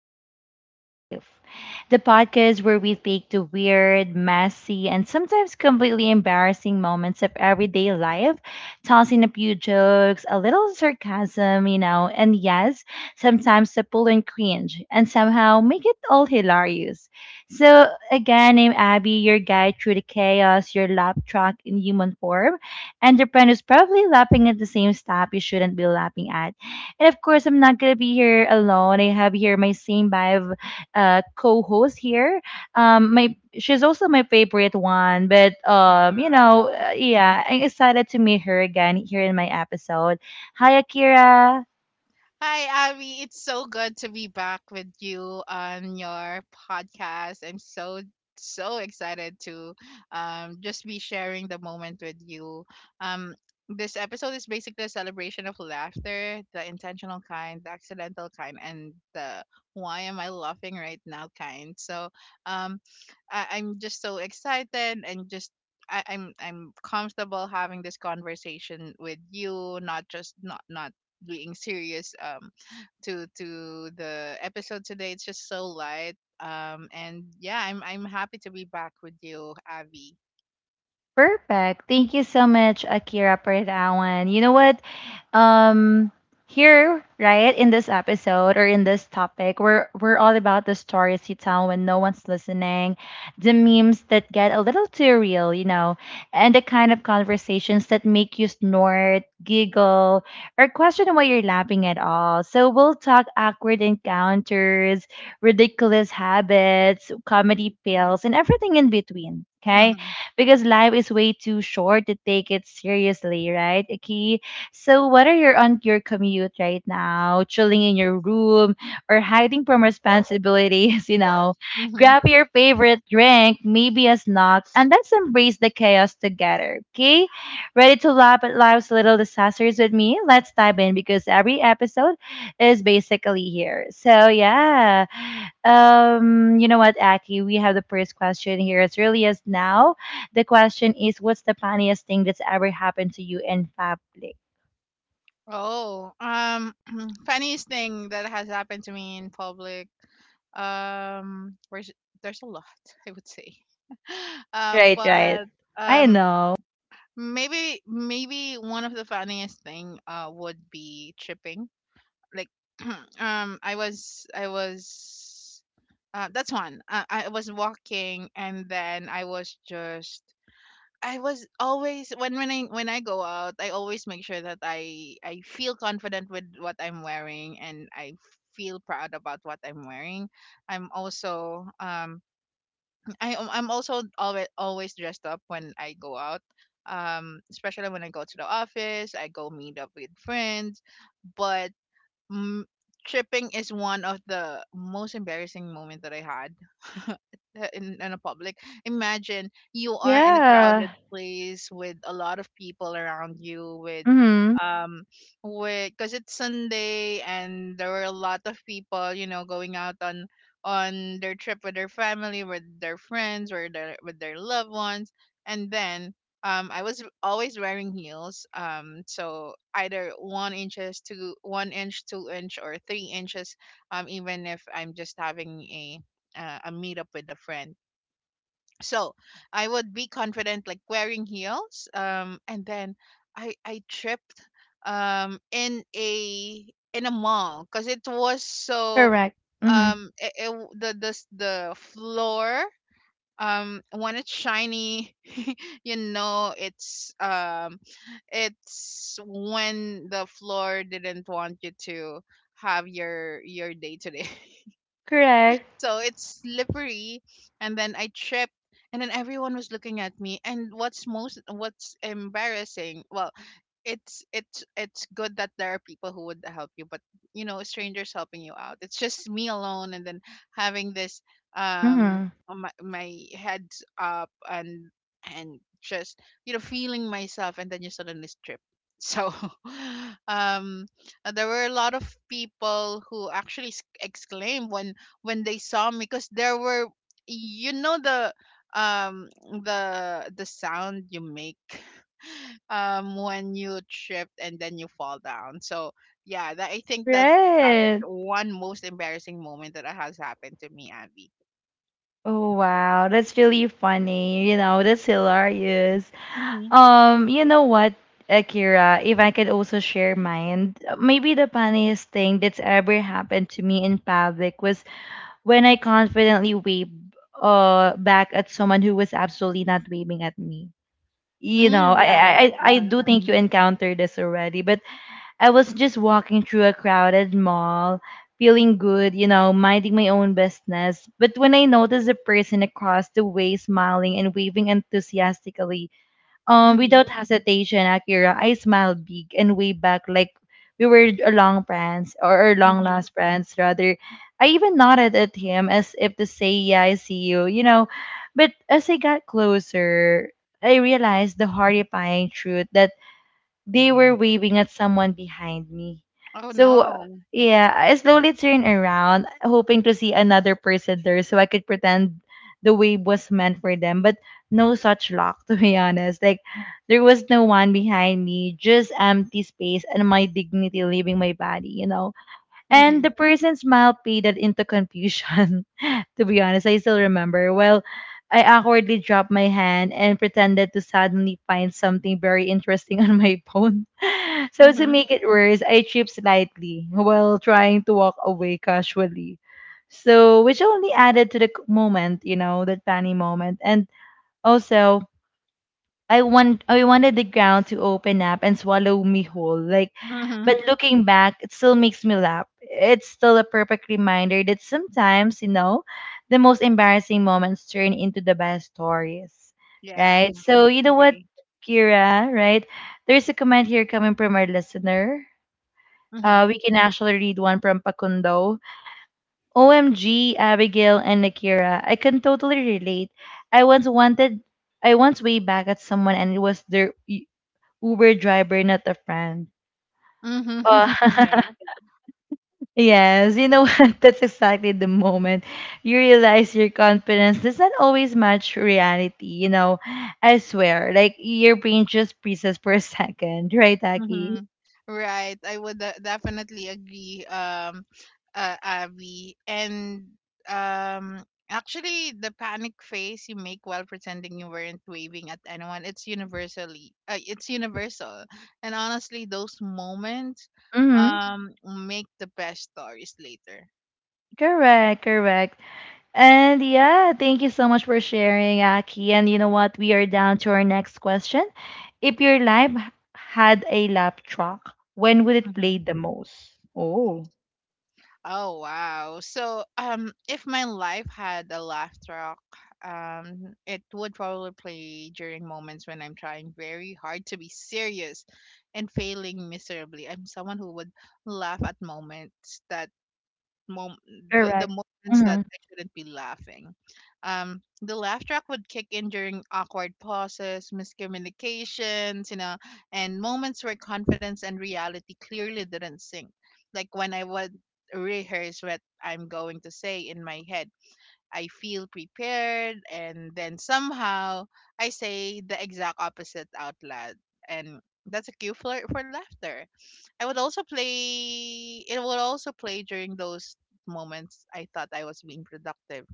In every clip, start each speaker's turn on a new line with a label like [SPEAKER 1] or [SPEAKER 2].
[SPEAKER 1] Lab Track Life, the podcast where we take the weird, messy, and sometimes completely embarrassing moments of everyday life, tossing a few jokes, a little sarcasm, and yes, sometimes to pull and cringe, and somehow make it all hilarious. So, again, I'm Abby, your guide through the chaos, your lab track in human form and your friend is probably laughing at the same stuff you shouldn't be laughing at. And of course, I'm not gonna be here alone. I have here my same vibe co-host here. My she's also my favorite one, but
[SPEAKER 2] Oh, wow.
[SPEAKER 1] yeah, I'm excited to meet her again here in my episode. Hi, Akira.
[SPEAKER 2] Hi, Abby. It's so good to be back with you on your podcast. I'm so, so excited to just be sharing the moment with you. Um, this episode is basically a celebration of laughter, the intentional kind, the accidental kind, and the why am I laughing right now kind. So um, I'm just so excited and just I'm comfortable having this conversation with you, not just not being serious to the episode today. It's just so light. And yeah, I'm happy to be back with you, Abby.
[SPEAKER 1] Perfect. Thank you so much, Akira, for that one. You know what? Um, Here, right, in this episode or in this topic, we're all about the stories you tell when no one's listening, the memes that get a little too real, and the kind of conversations that make you snort, giggle, or question why you're laughing at all. So we'll talk awkward encounters, ridiculous habits, comedy fails, and everything in between. Okay,
[SPEAKER 2] Mhm.
[SPEAKER 1] because life is way too short to take it seriously, right? Okay. So whether you're on your commute right now, chilling in your room, or hiding from responsibilities,
[SPEAKER 2] Mhm.
[SPEAKER 1] grab your favorite drink, maybe a snack, and let's embrace the chaos together. Okay? Ready to laugh at life's little disasters with me? Let's dive in because every episode is basically here. So yeah. You know what, Aki, we have the first question here. It's really as now the question is, what's the funniest thing that's ever happened to you in public?
[SPEAKER 2] Oh, funniest thing that has happened to me in public. There's a lot, I would say.
[SPEAKER 1] Right, right.
[SPEAKER 2] But
[SPEAKER 1] I
[SPEAKER 2] um,
[SPEAKER 1] know.
[SPEAKER 2] maybe one of the funniest thing would be tripping like um i was i was I was walking and then I was just I was always when when I go out I always make sure that I feel confident with what I'm wearing and I feel proud about what I'm wearing. I'm also I'm also always dressed up when I go out, especially when I go to the office, I go meet up with friends, but Mm, tripping is one of the most embarrassing moment that I had in a public. Imagine you are in a
[SPEAKER 1] Yeah.
[SPEAKER 2] crowded place with a lot of people around you with
[SPEAKER 1] Mm-hmm.
[SPEAKER 2] um because it's Sunday and there were a lot of people, going out on their trip with their family, with their friends, or their with their loved ones, and then I was always wearing heels, so either 1 inches to one inch, two inch, or 3 inches, even if I'm just having a meetup with a friend. So I would be confident like wearing heels, and then I tripped um in a in a mall because it was so
[SPEAKER 1] Correct. Mm-hmm.
[SPEAKER 2] the the floor, when it's shiny, you know it's when the floor didn't want you to have your day today.
[SPEAKER 1] Correct.
[SPEAKER 2] So it's slippery, and then I tripped, and then everyone was looking at me. And what's embarrassing, well, it's good that there are people who would help you, but you know, strangers helping you out. It's just me alone and then having this um
[SPEAKER 1] Mm-hmm.
[SPEAKER 2] my head up and just you know feeling myself and then you suddenly trip. So um there were a lot of people who actually exclaimed when they saw me because there were you know um the sound you make, when you trip and then you fall down. So yeah, I think that's
[SPEAKER 1] Right.
[SPEAKER 2] one most embarrassing moment that has happened to me, Abby.
[SPEAKER 1] Oh, wow, that's really funny. You know, that's hilarious.
[SPEAKER 2] Mm-hmm.
[SPEAKER 1] You know what, Akira, if I could also share mine, maybe the funniest thing that's ever happened to me in public was when I confidently wave back at someone who was absolutely not waving at me. You
[SPEAKER 2] Mm,
[SPEAKER 1] know, I I
[SPEAKER 2] yeah,
[SPEAKER 1] I I
[SPEAKER 2] uh-huh.
[SPEAKER 1] do think you encountered this already, but I was just walking through a crowded mall, feeling good, minding my own business. But when I noticed a person across the way smiling and waving enthusiastically,
[SPEAKER 2] Mm-hmm.
[SPEAKER 1] without hesitation, Akira, I smiled big and way back like we were a long friends or long
[SPEAKER 2] Mm-hmm.
[SPEAKER 1] lost friends rather. I even nodded at him as if to say, "Yeah, I see you, you know." But as I got closer, I realized the horrifying truth that they were waving at someone behind me.
[SPEAKER 2] Oh
[SPEAKER 1] So,
[SPEAKER 2] no.
[SPEAKER 1] yeah, I slowly turned around, hoping to see another person there so I could pretend the wave was meant for them. But no such luck, to be honest. Like, there was no one behind me, just empty space and my dignity leaving my body, you know? And
[SPEAKER 2] Mm-hmm.
[SPEAKER 1] the person's smile faded into confusion. To be honest, I still remember. Well, I awkwardly dropped my hand and pretended to suddenly find something very interesting on my phone. So to
[SPEAKER 2] Mm-hmm.
[SPEAKER 1] make it worse, I tripped slightly while trying to walk away casually. So which only added to the moment, that funny moment. And also I wanted the ground to open up and swallow me whole. Like
[SPEAKER 2] Mm-hmm.
[SPEAKER 1] but looking back, it still makes me laugh. It's still a perfect reminder that sometimes, the most embarrassing moments turn into the best stories.
[SPEAKER 2] Yeah.
[SPEAKER 1] Right? Mm. So you know what,
[SPEAKER 2] Agree.
[SPEAKER 1] Kira, right? There's a comment here coming from our listener.
[SPEAKER 2] Mm-hmm.
[SPEAKER 1] We can actually read one from Pakundo. OMG, Abigail and Akira, I can totally relate. I once wanted I once way back at someone and it was their Uber driver, not a friend. Oh,
[SPEAKER 2] Mm-hmm. Yeah.
[SPEAKER 1] yes, you know what? That's exactly the moment you realize your confidence does not always match reality. You know, I swear, like your brain just freezes for a second, right, Aki?
[SPEAKER 2] Mm-hmm. Right. I would definitely agree, Abby. And um, actually, the panic face you make while pretending you weren't waving at anyone, it's universally, it's universal. And honestly, those moments
[SPEAKER 1] Mm-hmm.
[SPEAKER 2] um make the best stories later.
[SPEAKER 1] Correct, correct. And yeah, thank you so much for sharing, Aki. And you know what? We are down to our next question. If your life had a lap track, when would it play the most? Oh.
[SPEAKER 2] Oh wow. So if my life had a laugh track, it would probably play during moments when I'm trying very hard to be serious and failing miserably. I'm someone who would laugh at moments that mom the
[SPEAKER 1] Correct.
[SPEAKER 2] moments that
[SPEAKER 1] Mhm.
[SPEAKER 2] I shouldn't be laughing. The laugh track would kick in during awkward pauses, miscommunications, you know, and moments where confidence and reality clearly didn't sync. Like when I would rehearse what I'm going to say in my head. I feel prepared, and then somehow I say the exact opposite out loud. And that's a cue for laughter. I would also play, it would also play during those moments I thought I was being productive.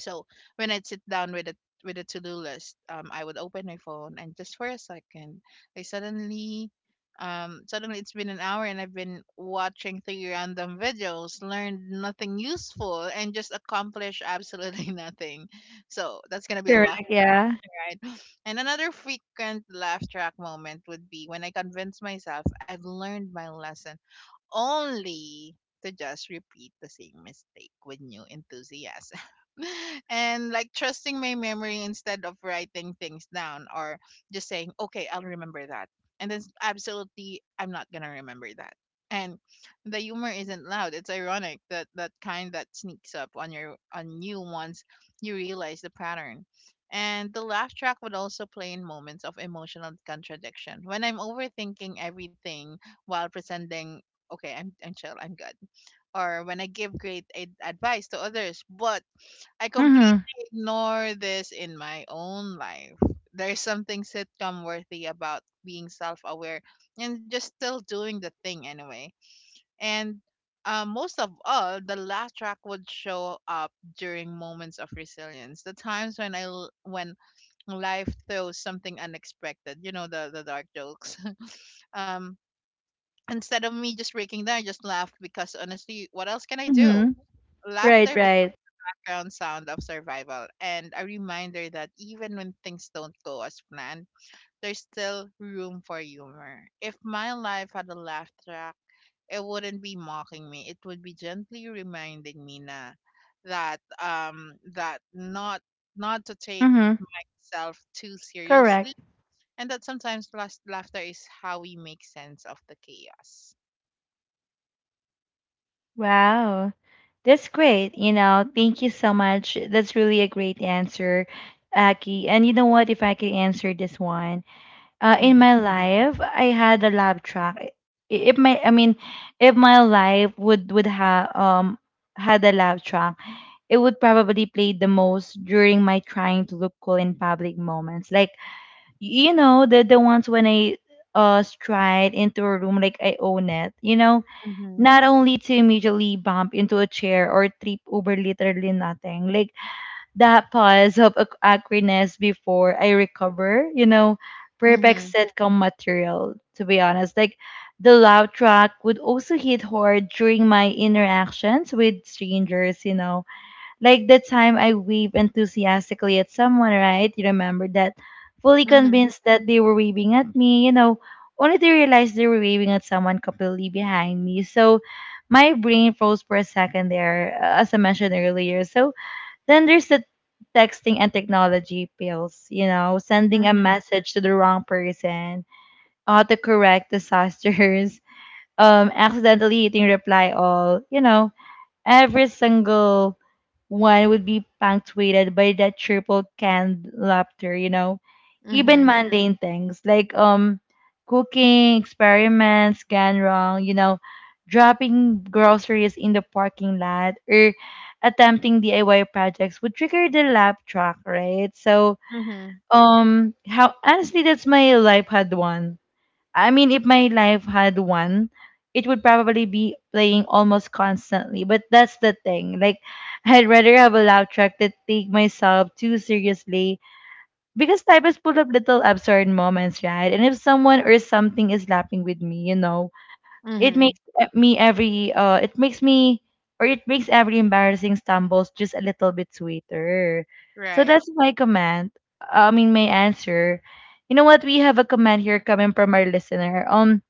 [SPEAKER 2] So when I'd sit down with a to do list, I would open my phone and just for a second, I suddenly, suddenly it's been an hour and I've been watching three random videos, learned nothing useful, and just accomplished absolutely nothing. So that's gonna be a laugh
[SPEAKER 1] Correct,
[SPEAKER 2] track,
[SPEAKER 1] yeah.
[SPEAKER 2] right? And another frequent laugh track moment would be when I convince myself I've learned my lesson, only to just repeat the same mistake with new enthusiasm. And like trusting my memory instead of writing things down, or just saying, okay, I'll remember that. And then absolutely, I'm not going to remember that. And the humor isn't loud. It's ironic, that that kind that sneaks up on your on you once you realize the pattern. And the laugh track would also play in moments of emotional contradiction. When I'm overthinking everything while pretending okay, I'm chill, I'm good. Or when I give great advice to others, but I
[SPEAKER 1] Mhm.
[SPEAKER 2] completely ignore this in my own life. There's something sitcom worthy about being self-aware and just still doing the thing anyway. And most of all, the laugh track would show up during moments of resilience. The times when when life throws something unexpected, you know, the dark jokes. um instead of me just breaking down, I just laughed because honestly, what else can I do?
[SPEAKER 1] Mhm. Right,
[SPEAKER 2] Laughter
[SPEAKER 1] right.
[SPEAKER 2] becomes the ground sound of survival and a reminder that even when things don't go as planned, there's still room for humor. If my life had a laugh track, it wouldn't be mocking me. It would be gently reminding me na that that not to take
[SPEAKER 1] Mhm.
[SPEAKER 2] myself too seriously,
[SPEAKER 1] Correct.
[SPEAKER 2] and that sometimes last laughter is how we make sense of the chaos.
[SPEAKER 1] Wow. That's great. You know, thank you so much. That's really a great answer, Aki. And you know what? If I could answer this one, in my
[SPEAKER 2] Mm-hmm.
[SPEAKER 1] life, I had a laugh track. If my, I mean, if my life would have had a laugh track, it would probably play the most during my trying to look cool in public moments, like you know the ones when I stride into a room like I own it. You know,
[SPEAKER 2] Mhm.
[SPEAKER 1] not only to immediately bump into a chair or trip over literally nothing. Like that pause of awkwardness before I recover. You know, perfect
[SPEAKER 2] Mhm.
[SPEAKER 1] sitcom material. To be honest, like the loud track would also hit hard during my interactions with strangers. You know like the time I waved enthusiastically at someone, right? You remember that? Fully
[SPEAKER 2] Mhm.
[SPEAKER 1] convinced that they were waving at me, only to realize they were waving at someone completely behind me. So my brain froze for a second there, as I mentioned earlier. So then there's the texting and technology pills, sending a
[SPEAKER 2] Mhm.
[SPEAKER 1] message to the wrong person, autocorrect disasters, accidentally hitting reply all, you know. Every single one would be punctuated by that triple canned laughter, you know. Even
[SPEAKER 2] Mhm.
[SPEAKER 1] mundane things like cooking experiments gone wrong, dropping groceries in the parking lot or attempting DIY projects would trigger the laugh track, right? So
[SPEAKER 2] Mhm.
[SPEAKER 1] how honestly that's my life had one. I mean, if my life had one, it would probably be playing almost constantly. But that's the thing. Like, I'd rather have a laugh track that take myself too seriously because life is full of little absurd moments, right? And if someone or something is laughing with me, it
[SPEAKER 2] Mhm.
[SPEAKER 1] makes me every it makes me or it makes every embarrassing stumbles just a little bit sweeter. So
[SPEAKER 2] Right.
[SPEAKER 1] that's my comment. I mean, my answer. You know what? We have a comment here coming from our listener.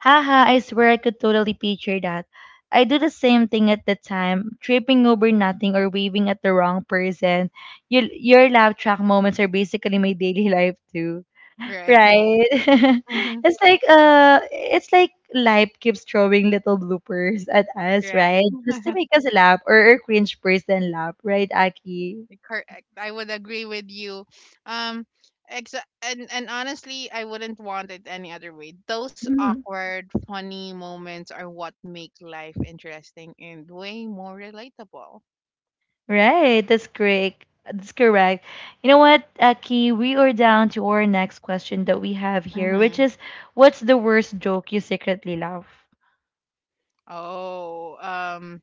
[SPEAKER 1] Haha, I swear I could totally picture that. I do the same thing at the time, tripping over nothing or waving at the wrong person. Your laugh track moments are basically my daily life too.
[SPEAKER 2] Right.
[SPEAKER 1] Right?
[SPEAKER 2] Mhm.
[SPEAKER 1] It's like it's like life keeps throwing little bloopers at us,
[SPEAKER 2] Right.
[SPEAKER 1] right? Just to make us laugh or cringe person laugh, right, Aki?
[SPEAKER 2] Correct. I would agree with you. Um and honestly, I wouldn't want it any other way. Those
[SPEAKER 1] Mm-hmm.
[SPEAKER 2] awkward, funny moments are what make life interesting and way more relatable.
[SPEAKER 1] Right, that's great. That's correct. You know what, Aki? We are down to our next question that we have
[SPEAKER 2] Mhm.
[SPEAKER 1] here, which is what's the worst joke you secretly love?
[SPEAKER 2] Oh,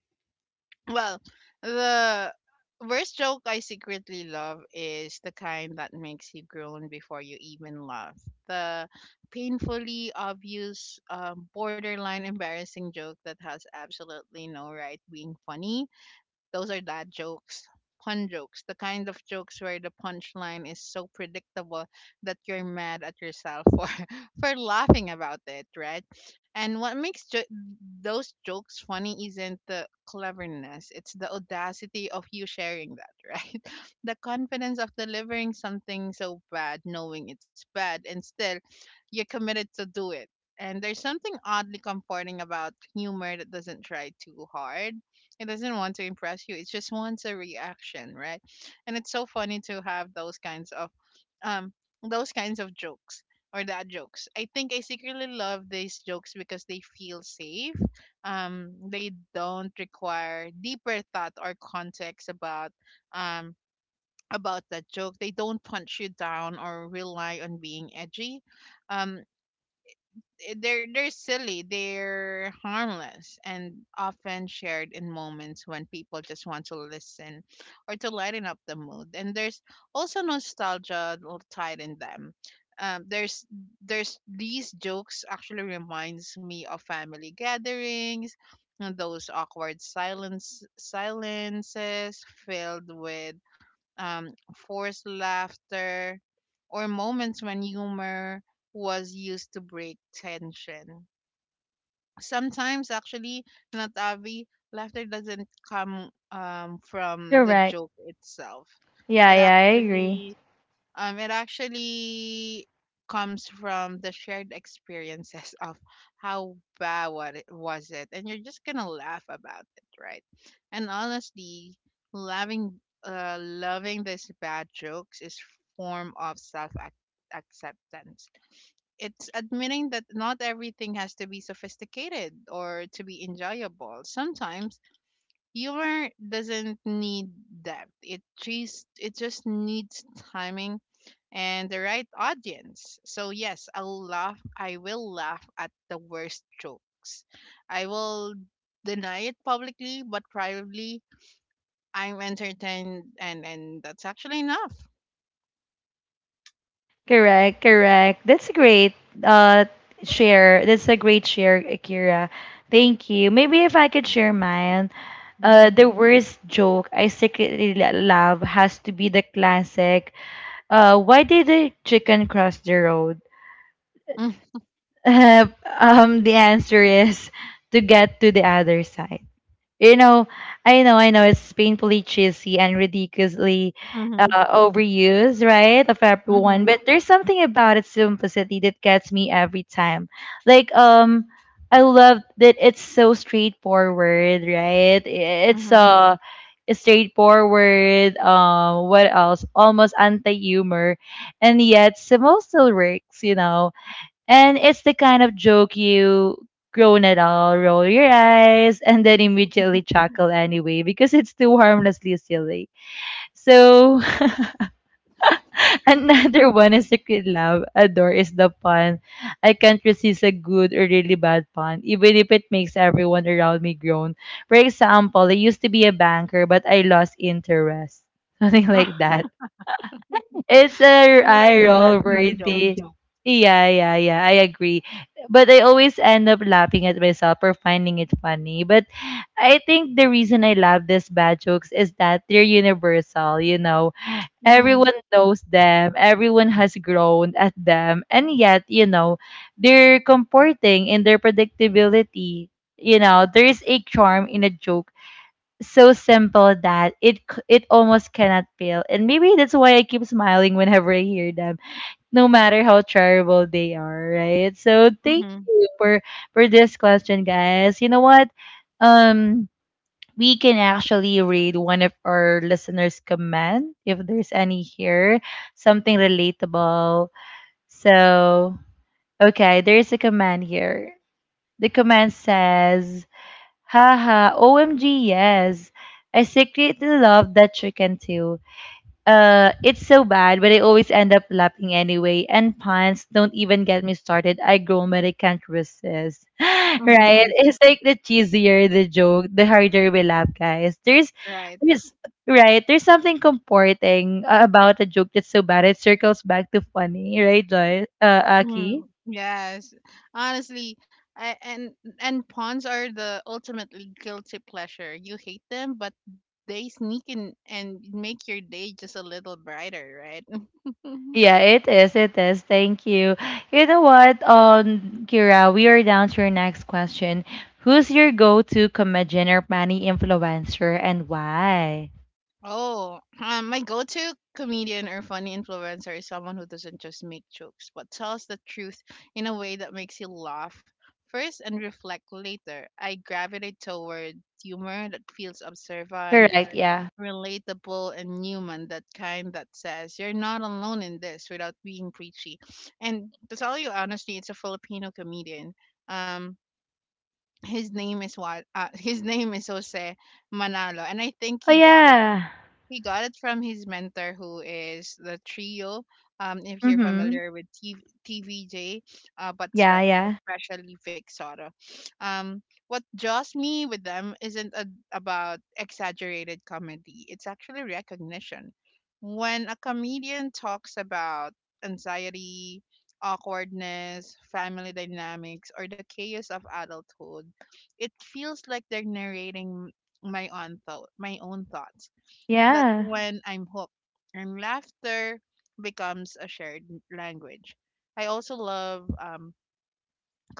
[SPEAKER 2] well, the worst joke I secretly love is the kind that makes you groan before you even laugh. The painfully obvious, borderline embarrassing joke that has absolutely no right being funny. Those are dad jokes, pun jokes, the kind of jokes where the punchline is so predictable that you're mad at yourself for for laughing about it, right? And what makes those jokes funny isn't the cleverness, it's the audacity of you sharing that, right? The confidence of delivering something so bad, knowing it's bad, and still you're committed to do it. And there's something oddly comforting about humor that doesn't try too hard. It doesn't want to impress you. It just wants a reaction, right? And it's so funny to have um those kinds of jokes or that jokes. I think I secretly love these jokes because they feel safe. They don't require deeper thought or context um about that joke. They don't punch you down or rely on being edgy. Um, they're silly, they're harmless, and often shared in moments when people just want to listen or to lighten up the mood. And there's also nostalgia tied in them. There's these jokes actually reminds me of family gatherings and those awkward silences filled with forced laughter, or moments when humor was used to break tension. Sometimes, actually, Natavi, laughter doesn't come from the
[SPEAKER 1] Correct.
[SPEAKER 2] joke itself.
[SPEAKER 1] Yeah,
[SPEAKER 2] It
[SPEAKER 1] yeah, I agree.
[SPEAKER 2] actually um, it actually comes from the shared experiences of how bad what it was it, and you're just gonna laugh about it, right? And honestly, loving loving these bad jokes is form of self acceptance. It's admitting that not everything has to be sophisticated or to be enjoyable. Sometimes humor doesn't need depth. It just needs timing and the right audience. So yes, I'll laugh. I will laugh at the worst jokes. I will deny it publicly, but privately, I'm entertained, and that's actually enough.
[SPEAKER 1] Correct, correct. That's a great uh share. That's a great share, Akira. Thank you. Maybe if I could share mine.
[SPEAKER 2] Mm-hmm.
[SPEAKER 1] The worst joke I secretly love has to be the classic. Why did the chicken cross the road? Uh, the answer is to get to the other side. You know, I know, I know it's painfully cheesy and ridiculously
[SPEAKER 2] Mm-hmm.
[SPEAKER 1] overused, right, of everyone.
[SPEAKER 2] Mm-hmm.
[SPEAKER 1] But there's something about its simplicity that gets me every time. Like, I love that it's so straightforward, right? It's
[SPEAKER 2] Mm-hmm.
[SPEAKER 1] straightforward. What else? Almost anti-humor, and yet somehow still works. You know, and it's the kind of joke you groan at all, roll your eyes, and then immediately chuckle anyway because it's too harmlessly silly. So another one is secret love. Adore is the pun. I can't resist a good or really bad pun, even if it makes everyone around me groan. For example, I used to be a banker, but I lost interest. Something like that. It's a yes,
[SPEAKER 2] Similar to
[SPEAKER 1] eye-roll
[SPEAKER 2] that that joke.
[SPEAKER 1] worthy. Yeah, yeah, yeah, I agree. But I always end up laughing at myself or finding it funny. But I think the reason I love these bad jokes is that they're universal, you know.
[SPEAKER 2] Mm-hmm.
[SPEAKER 1] Everyone knows them, everyone has grown at them, and yet, you know, they're comforting in their predictability. You know, there is a charm in a joke so simple that it almost cannot fail. And maybe that's why I keep smiling whenever I hear them, no matter how terrible they are, right? So thank
[SPEAKER 2] Mm-hmm.
[SPEAKER 1] you for this question, guys. You know what? Um we can actually read one of our listeners' comment if there's any here, something relatable. So, okay, there's a comment here. The comment says, Haha, OMG, yes. I secretly love that chicken too. It's so bad, but I always end up laughing anyway. And puns, don't even get me started. I groan, but I can't resist. Right? It's like the cheesier the joke, the harder we laugh, guys.
[SPEAKER 2] Right.
[SPEAKER 1] There's, right? There's something comforting about a joke that's so bad it circles back to funny, right, Joy? Aki?
[SPEAKER 2] Mm, yes, honestly, I, and pawns are the ultimately guilty pleasure. You hate them, but they sneak in and make your day just a little brighter, right?
[SPEAKER 1] Yeah, it is. It is. Thank you. You know what, Kira, we are down to your next question. Who's your go-to comedian or money influencer and why?
[SPEAKER 2] Oh, my go-to comedian or funny influencer is someone who doesn't just make jokes, but tells the truth in a way that makes you laugh first and reflect later. I gravitate toward humor that feels observant,
[SPEAKER 1] Correct. Yeah.
[SPEAKER 2] relatable, and human. That kind that says you're not alone in this without being preachy. And to tell you honestly, it's a Filipino comedian, um his name is Jose Manalo, and I think
[SPEAKER 1] Oh
[SPEAKER 2] he got it,
[SPEAKER 1] yeah.
[SPEAKER 2] he got it from his mentor, who is the trio. If you're
[SPEAKER 1] Mhm.
[SPEAKER 2] familiar with TV, TVJ, but
[SPEAKER 1] Yeah. Yeah.
[SPEAKER 2] most especially Fixotto. Um, what draws me with them isn't about exaggerated comedy. It's actually recognition. When a comedian talks about anxiety, awkwardness, family dynamics, or the chaos of adulthood, it feels like they're narrating my own thoughts. That's
[SPEAKER 1] Yeah.
[SPEAKER 2] when I'm hooked, and laughter becomes a shared language. I also love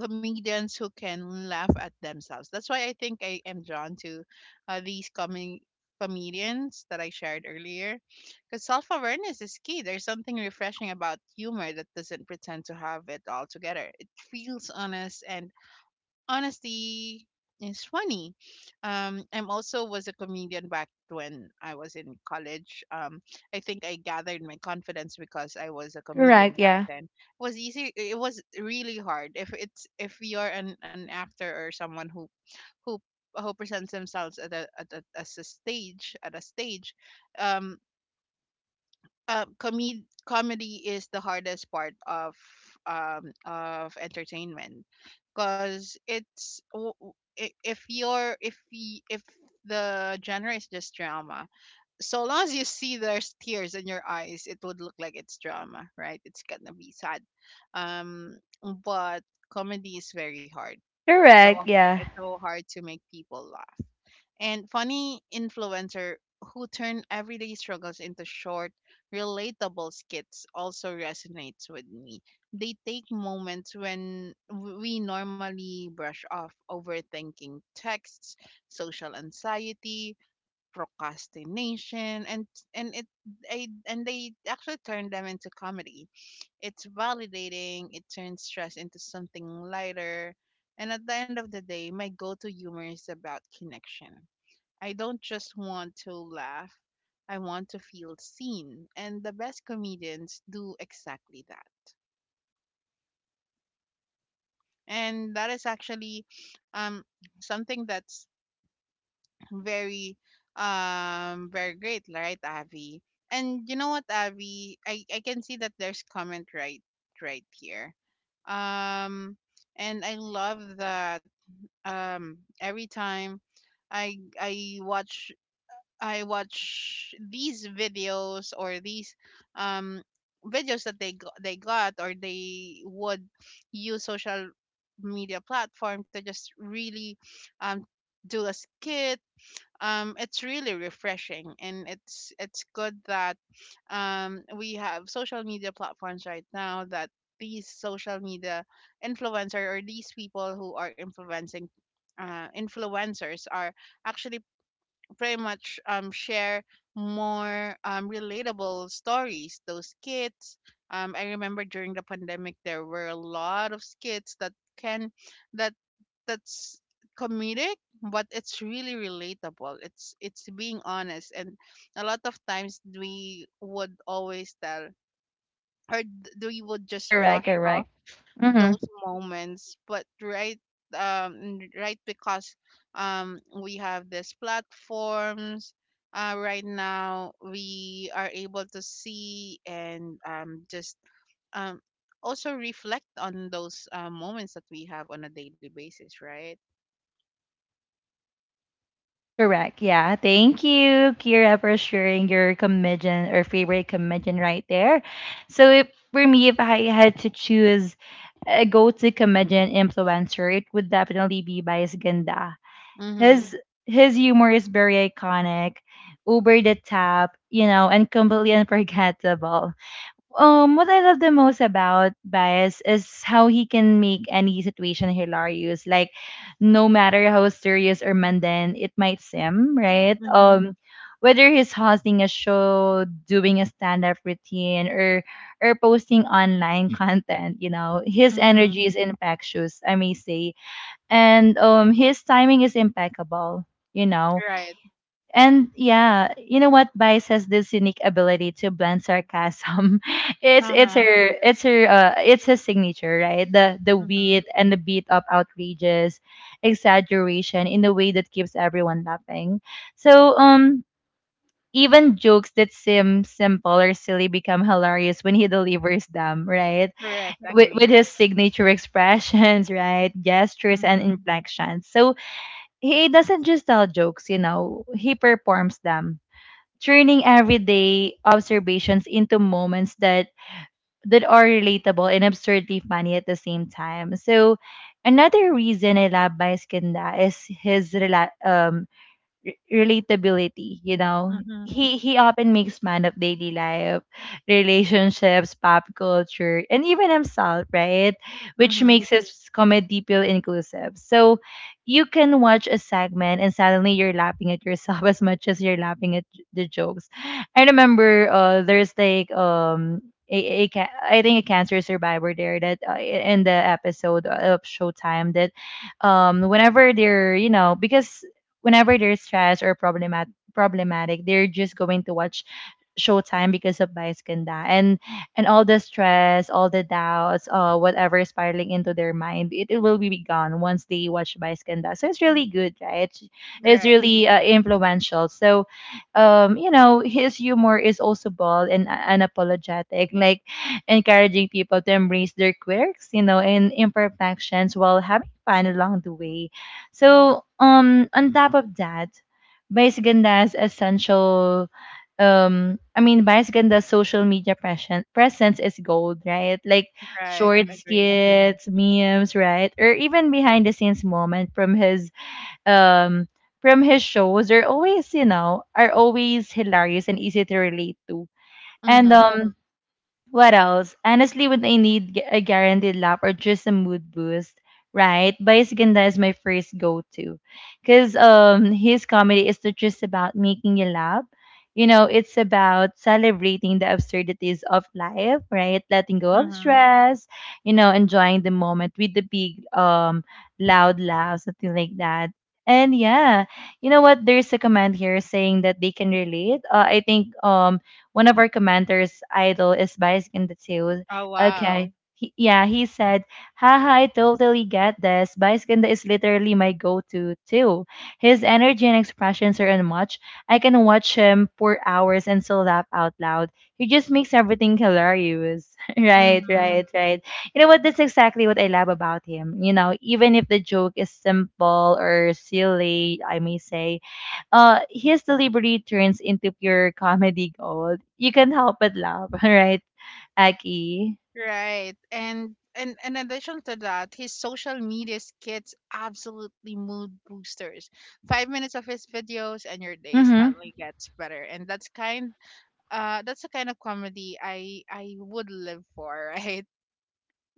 [SPEAKER 2] comedians who can laugh at themselves. That's why I think I am drawn to these coming comedians that I shared earlier. Because self awareness is key. There's something refreshing about humor that doesn't pretend to have it all together. It feels honest, and honesty is funny. I'm also was a comedian back when I was in college. I think I gathered my confidence because I was a comedian
[SPEAKER 1] Correct.
[SPEAKER 2] back
[SPEAKER 1] Yeah.
[SPEAKER 2] then. It was easy. It was really hard. If you're an actor or someone who who who presents themselves at a stage, um, comedy is the hardest part of entertainment because it's w- w- I- if the genre is just drama, so long as you see there's tears in your eyes, it would look like it's drama, right? It's gonna be sad. um but comedy is very hard. it's so
[SPEAKER 1] Correct. Yeah.
[SPEAKER 2] it's so hard to make people laugh. And funny influencer who turn everyday struggles into short, relatable skits also resonates with me. They take moments when we normally brush off: overthinking texts, social anxiety, procrastination, and it and they actually turn them into comedy. It's validating. It turns stress into something lighter. And at the end of the day, my go-to humor is about connection. I don't just want to laugh, I want to feel seen. And the best comedians do exactly that. And that is actually um, something that's very, very great, right, Avi? And you know what, Avi? I can see that there's comment right here. Um, and I love that every time I I watch I watch these videos or these um videos that they go- they got or they would use social media platform to just really um do a skit. It's really refreshing, and it's good that we have social media platforms right now, that these social media influencer, or these people who are influencing influencers are actually pretty much share more relatable stories. Those skits. I remember during the pandemic there were a lot of skits that can that that's comedic, but it's really relatable. It's being honest, and a lot of times we would always tell or th- we would just
[SPEAKER 1] Correct.
[SPEAKER 2] brush
[SPEAKER 1] Correct.
[SPEAKER 2] off
[SPEAKER 1] Mm-hmm.
[SPEAKER 2] those moments. Right, because we have these platforms right now, we are able to see and just um also reflect on those moments that we have on a daily basis, right?
[SPEAKER 1] Correct. Yeah. Thank you, Kira, for sharing your comedian or favorite comedian right there. So, if, for me, if I had to choose a go-to comedian influencer, it would definitely be Bias Ganda.
[SPEAKER 2] Mhm.
[SPEAKER 1] His his humor is very iconic, over the top, you know, and completely unforgettable. What I love the most about Bias is how he can make any situation hilarious. Like, no matter how serious or mundane it might seem, right?
[SPEAKER 2] Mhm.
[SPEAKER 1] Whether he's hosting a show, doing a stand-up routine, or posting online content, you know, his
[SPEAKER 2] Mhm.
[SPEAKER 1] energy is infectious, I may say, and his timing is impeccable. You know,
[SPEAKER 2] Right.
[SPEAKER 1] and yeah, you know what? Vice has this unique ability to blend sarcasm. It's it's
[SPEAKER 2] Uh-huh.
[SPEAKER 1] her it's her uh it's his signature, right? The
[SPEAKER 2] Mhm.
[SPEAKER 1] wit and the beat of outrageous exaggeration in a way that keeps everyone laughing. So even jokes that seem simple or silly become hilarious when he delivers them, right?
[SPEAKER 2] Correct.
[SPEAKER 1] With
[SPEAKER 2] Agree.
[SPEAKER 1] his signature expressions, right? Gestures and
[SPEAKER 2] Mhm.
[SPEAKER 1] inflections. So he doesn't just tell jokes, you know, he performs them, turning everyday observations into moments that are relatable and absurdly funny at the same time. So another reason I love Baez Kanda is his relatability, you know.
[SPEAKER 2] Mhm.
[SPEAKER 1] He often makes fun of daily life, relationships, pop culture, and even himself, right? Which
[SPEAKER 2] Mhm.
[SPEAKER 1] makes his comedy feel inclusive. So you can watch a segment and suddenly you're laughing at yourself as much as you're laughing at the jokes. I remember there's like I think a cancer survivor there that in the episode of Showtime that whenever they're, you know, because whenever they're stressed or problematic, they're just going to watch Showtime because of Vice Ganda, and all the stress, all the doubts, whatever is spiraling into their mind, it will be gone once they watch Vice Ganda. So it's really good, right? It's
[SPEAKER 2] Right.
[SPEAKER 1] really influential. So, you know, his humor is also bold and unapologetic, like encouraging people to embrace their quirks, you know, and imperfections while having fun along the way. So, on top of that, Vice Ganda's essential I mean Biosganda's social media presence is gold, right? Like
[SPEAKER 2] Right.
[SPEAKER 1] short
[SPEAKER 2] Agree.
[SPEAKER 1] skits, memes, right? Or even behind the scenes moment um from his shows are always, you know, are always hilarious and easy to relate to. And
[SPEAKER 2] Mhm.
[SPEAKER 1] what else? Honestly, when I need a guaranteed laugh or just a mood boost, right? Baisaganda is my first go-to. Because his comedy is not just about making you laugh. You know, it's about celebrating the absurdities of life, right? Letting go of
[SPEAKER 2] Mhm.
[SPEAKER 1] stress, you know, enjoying the moment with the big, loud laugh, something like that. And yeah, you know what? There's a comment here saying that they can relate. I think one of our commenters' idol is biased in the too.
[SPEAKER 2] Oh wow.
[SPEAKER 1] Okay. He, yeah, he said, "Haha, I totally get this. Baiskin is literally my go to, too. His energy and expressions are unmatched. I can watch him for hours and still laugh out loud. He just makes everything hilarious." Right,
[SPEAKER 2] Mm-hmm.
[SPEAKER 1] right, right. You know what? That's exactly what I love about him. You know, even if the joke is simple or silly, I may say, his delivery turns into pure comedy gold. You can't help but laugh, right, Aki?
[SPEAKER 2] Right. And in addition to that, his social media skits absolutely mood boosters. 5 minutes of his videos and your day
[SPEAKER 1] Mm-hmm.
[SPEAKER 2] suddenly gets better. And that's kind that's the kind of comedy I would live for, right?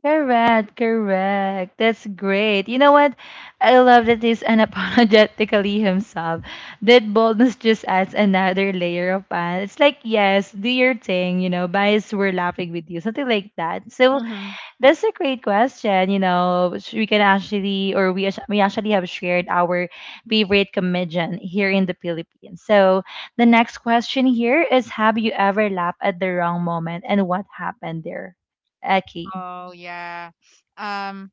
[SPEAKER 1] Correct, correct. That's great. You know what? I love that he's unapologetically himself. That boldness just adds another layer of fun. It's like, yes, do your thing, you know, bias, we're laughing with you, something like that. So
[SPEAKER 2] Mm-hmm.
[SPEAKER 1] that's a great question. You know, which we can actually, or we actually have shared our favorite comedian here in the Philippines. So the next question here is: have you ever laughed at the wrong moment, and what happened there? Aki,
[SPEAKER 2] Oh yeah. Um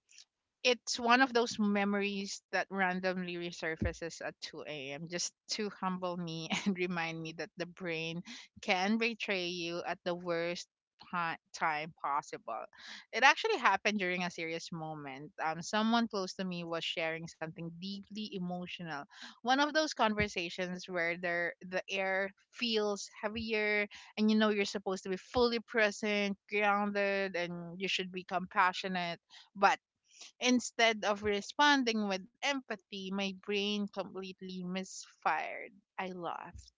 [SPEAKER 2] it's one of those memories that randomly resurfaces at 2 a.m. just to humble me and remind me that the brain can betray you at the worst time possible. It actually happened during a serious moment. Someone close to me was sharing something deeply emotional. One of those conversations where the air feels heavier, and you know you're supposed to be fully present, grounded, and you should be compassionate, but instead of responding with empathy, my brain completely misfired. I laughed.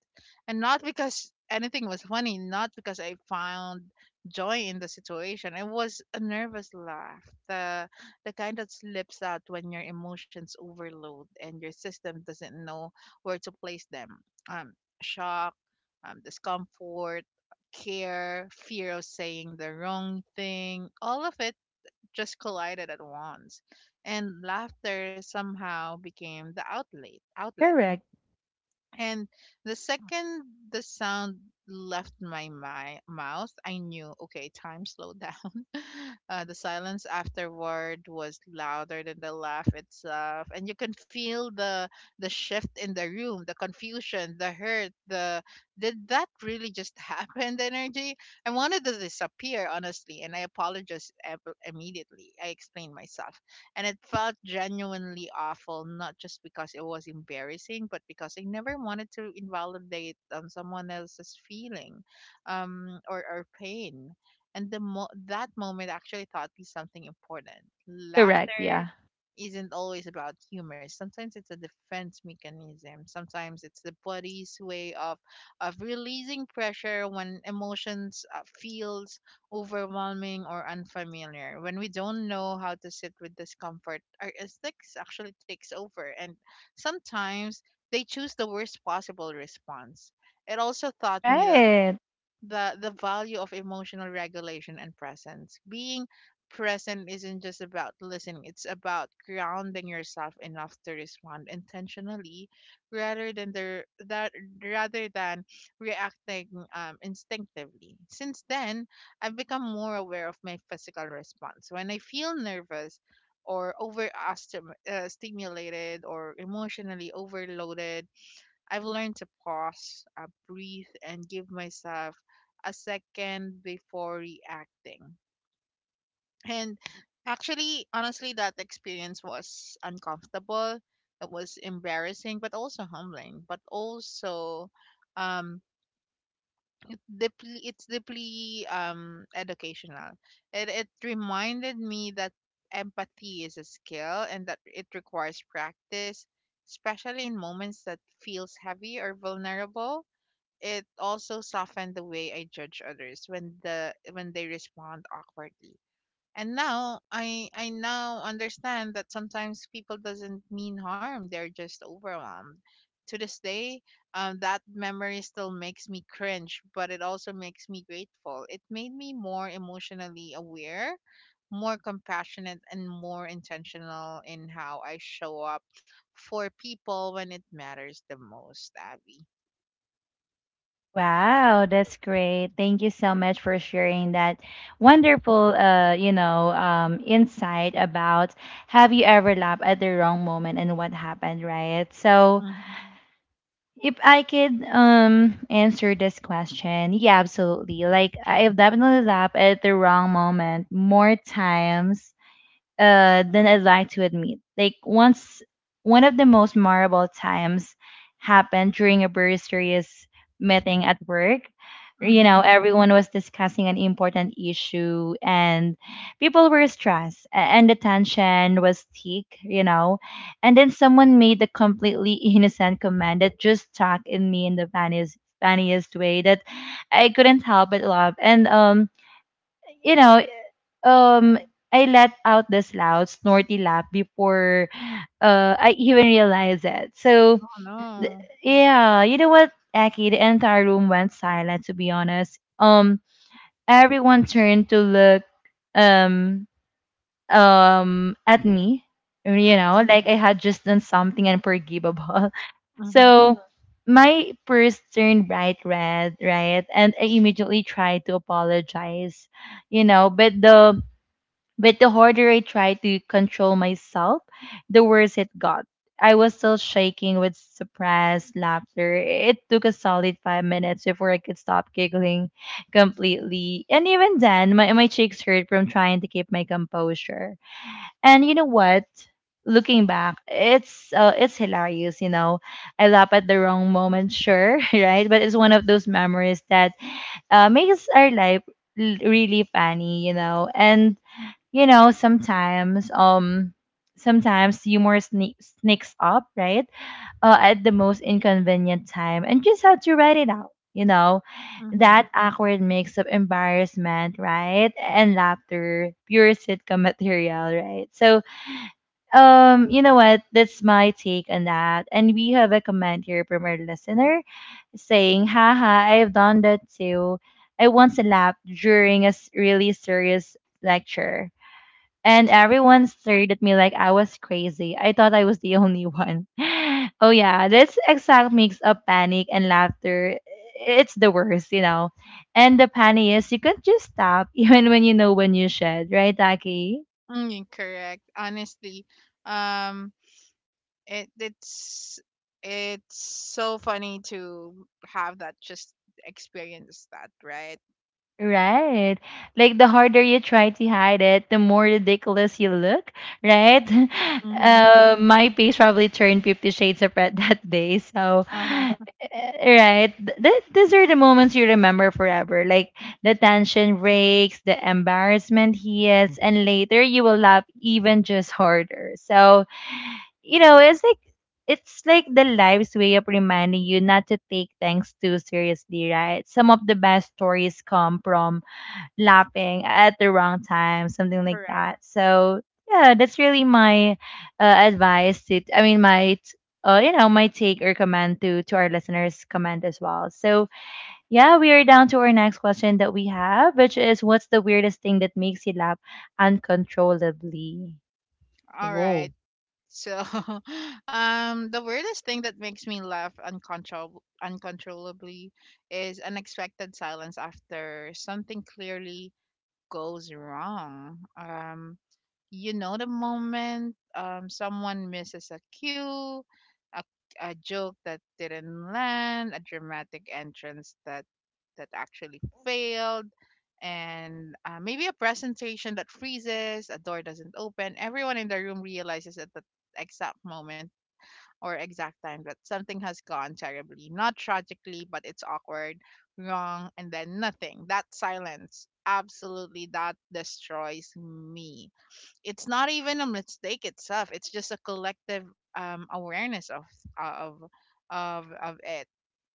[SPEAKER 2] And not because anything was funny, not because I found joy in the situation. It was a nervous laugh, the kind that slips out when your emotions overload and your system doesn't know where to place them. Um, Shock, discomfort, care, fear of saying the wrong thing, all of it just collided at once, and laughter somehow became the outlet.
[SPEAKER 1] correct,
[SPEAKER 2] And the second the sound left my mouth, I knew, okay, time slowed down. The silence afterward was louder than the laugh itself, and you can feel the shift in the room, the confusion, the hurt, the did that really just happen? The energy. I wanted to disappear, honestly, and I apologized immediately. I explained myself, and it felt genuinely awful, not just because it was embarrassing, but because I never wanted to invalidate someone else's feeling, or pain. And that moment actually taught me something important:
[SPEAKER 1] correct,
[SPEAKER 2] laughter
[SPEAKER 1] yeah,
[SPEAKER 2] isn't always about humor. Sometimes it's a defense mechanism, sometimes it's the body's way of releasing pressure when emotions feels overwhelming or unfamiliar. When we don't know how to sit with discomfort, our instincts actually takes over, and sometimes they choose the worst possible response. It also taught me that
[SPEAKER 1] right.
[SPEAKER 2] the value of emotional regulation and presence. Being present isn't just about listening, it's about grounding yourself enough to respond intentionally rather than rather than reacting instinctively. Since then, I've become more aware of my physical response when I feel nervous, or over stimulated, or emotionally overloaded. I've learned to pause, breathe, and give myself a second before reacting. And actually, honestly, that experience was uncomfortable. It was embarrassing, but also humbling, but also um deeply educational. It reminded me that empathy is a skill, and that it requires practice, especially in moments that feels heavy or vulnerable. It also softened the way I judge others when the when they respond awkwardly. And now I now understand that sometimes people doesn't mean harm. They're just overwhelmed. To this day, that memory still makes me cringe, but it also makes me grateful. It made me more emotionally aware, more compassionate, and more intentional in how I show up for people when it matters the most, Abby.
[SPEAKER 1] Wow, that's great. Thank you so much for sharing that wonderful, you know, insight about have you ever laughed at the wrong moment and what happened, right? So
[SPEAKER 2] Mm-hmm.
[SPEAKER 1] if I could answer this question, yeah, absolutely. Like, I've definitely laughed at the wrong moment more times than I'd like to admit. Like once, one of the most memorable times happened during a very serious meeting at work. You know,
[SPEAKER 2] Mm-hmm.
[SPEAKER 1] everyone was discussing an important issue, and people were stressed, and the tension was thick. You know, and then someone made a completely innocent comment that just stuck in me in the funniest way that I couldn't help but laugh. And you know, um, I let out this loud snorty laugh before I even realized it. So,
[SPEAKER 2] Oh
[SPEAKER 1] th-
[SPEAKER 2] no.
[SPEAKER 1] yeah, you know what, Aki, the entire room went silent, to be honest. Everyone turned to look um, at me, you
[SPEAKER 2] Mhm.
[SPEAKER 1] know, like I had just done something unforgivable.
[SPEAKER 2] Mhm.
[SPEAKER 1] So, my purse turned bright red, right? And I immediately tried to apologize, you know, but the harder I tried to control myself, the worse it got. I was still shaking with suppressed laughter. It took a solid 5 minutes before I could stop giggling completely. And even then, my cheeks hurt from trying to keep my composure. And you know what? Looking back, it's hilarious, you know. I laugh at the wrong moment, sure, right? But it's one of those memories that makes our life really funny, you know. And you know, sometimes, sometimes humor sneaks up, right? At the most inconvenient time, and just have to write it out. You know, that
[SPEAKER 2] Mhm.
[SPEAKER 1] awkward mix of embarrassment, right, and laughter, pure sitcom material, right? So, you know what? That's my take on that. And we have a comment here from our listener saying, "Haha, I've done that too. I once laughed during a really serious lecture and everyone stared at me like I was crazy. I thought I was the only one." Oh yeah, this exact mix of panic and laughter, it's the worst, you know. And the panic is you can't just stop even when you know when you should, right, Taki?
[SPEAKER 2] Mm, correct. Honestly, um, it it's it's so funny to have that just experience that, right?
[SPEAKER 1] Right. Like the harder you try to hide it, the more ridiculous you look, right?
[SPEAKER 2] Mhm.
[SPEAKER 1] My face probably turned 50 shades of red that day. So,
[SPEAKER 2] Uh huh.
[SPEAKER 1] right. These are the moments you remember forever. Like the tension breaks, the embarrassment hits, and later you will laugh even just harder. So, you know, it's like the life's way of reminding you not to take things too seriously, right? Some of the best stories come from laughing at the wrong time, something like
[SPEAKER 2] Correct.
[SPEAKER 1] that. So yeah, that's really my advice. To, I mean, you know, my take or comment to our listeners' comment as well. So yeah, we are down to our next question that we have, which is, what's the weirdest thing that makes you laugh uncontrollably?
[SPEAKER 2] All right. So, the weirdest thing that makes me laugh uncontrollably is unexpected silence after something clearly goes wrong. You know the moment someone misses a cue, a, a joke that didn't land, a dramatic entrance that actually failed, and maybe a presentation that freezes, a door doesn't open. Everyone in the room realizes at the exact moment or exact time that something has gone terribly, not tragically, but it's awkward, wrong, and then nothing. That silence, absolutely, that destroys me. It's not even a mistake itself, it's just a collective awareness of of it,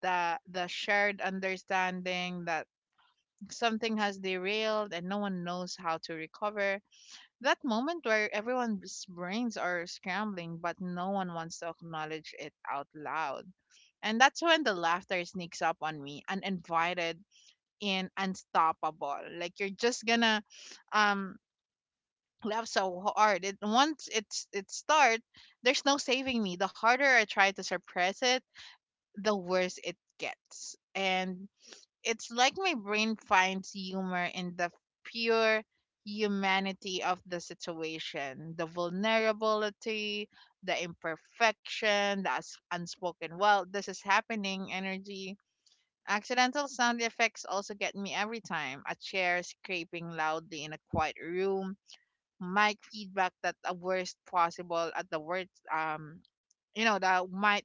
[SPEAKER 2] the shared understanding that something has derailed and no one knows how to recover. That moment where everyone's brains are scrambling, but no one wants to acknowledge it out loud, and that's when the laughter sneaks up on me uninvited and unstoppable. Like you're just gonna um laugh so hard. It Once it's it starts, there's no saving me. The harder I try to suppress it, the worse it gets. And it's like my brain finds humor in the pure humanity of the situation, the vulnerability, the imperfection, the unspoken, well, this is happening energy. Accidental sound effects also get me every time. A chair scraping loudly in a quiet room, might feedback that the worst possible at the worst um you know that might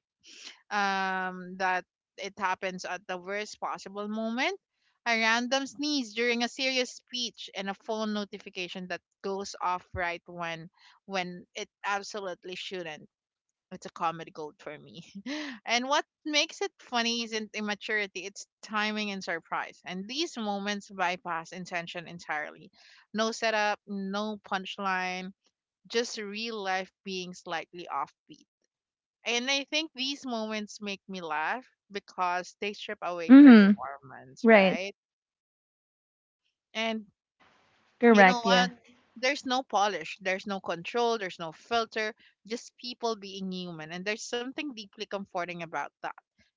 [SPEAKER 2] that it happens at the worst possible moment, a random sneeze during a serious speech, and a phone notification that goes off right when it absolutely shouldn't. It's a comedy gold for me. and what makes it funny isn't immaturity, it's timing and surprise, and these moments bypass intention entirely. No setup, no punchline, just real life being slightly offbeat. And I think these moments make me laugh because they strip away
[SPEAKER 1] Mm-hmm.
[SPEAKER 2] performance,
[SPEAKER 1] Right.
[SPEAKER 2] right? And you know
[SPEAKER 1] Correct.
[SPEAKER 2] what?
[SPEAKER 1] Yeah.
[SPEAKER 2] There's no polish, there's no control, there's no filter, just people being human. And there's something deeply comforting about that.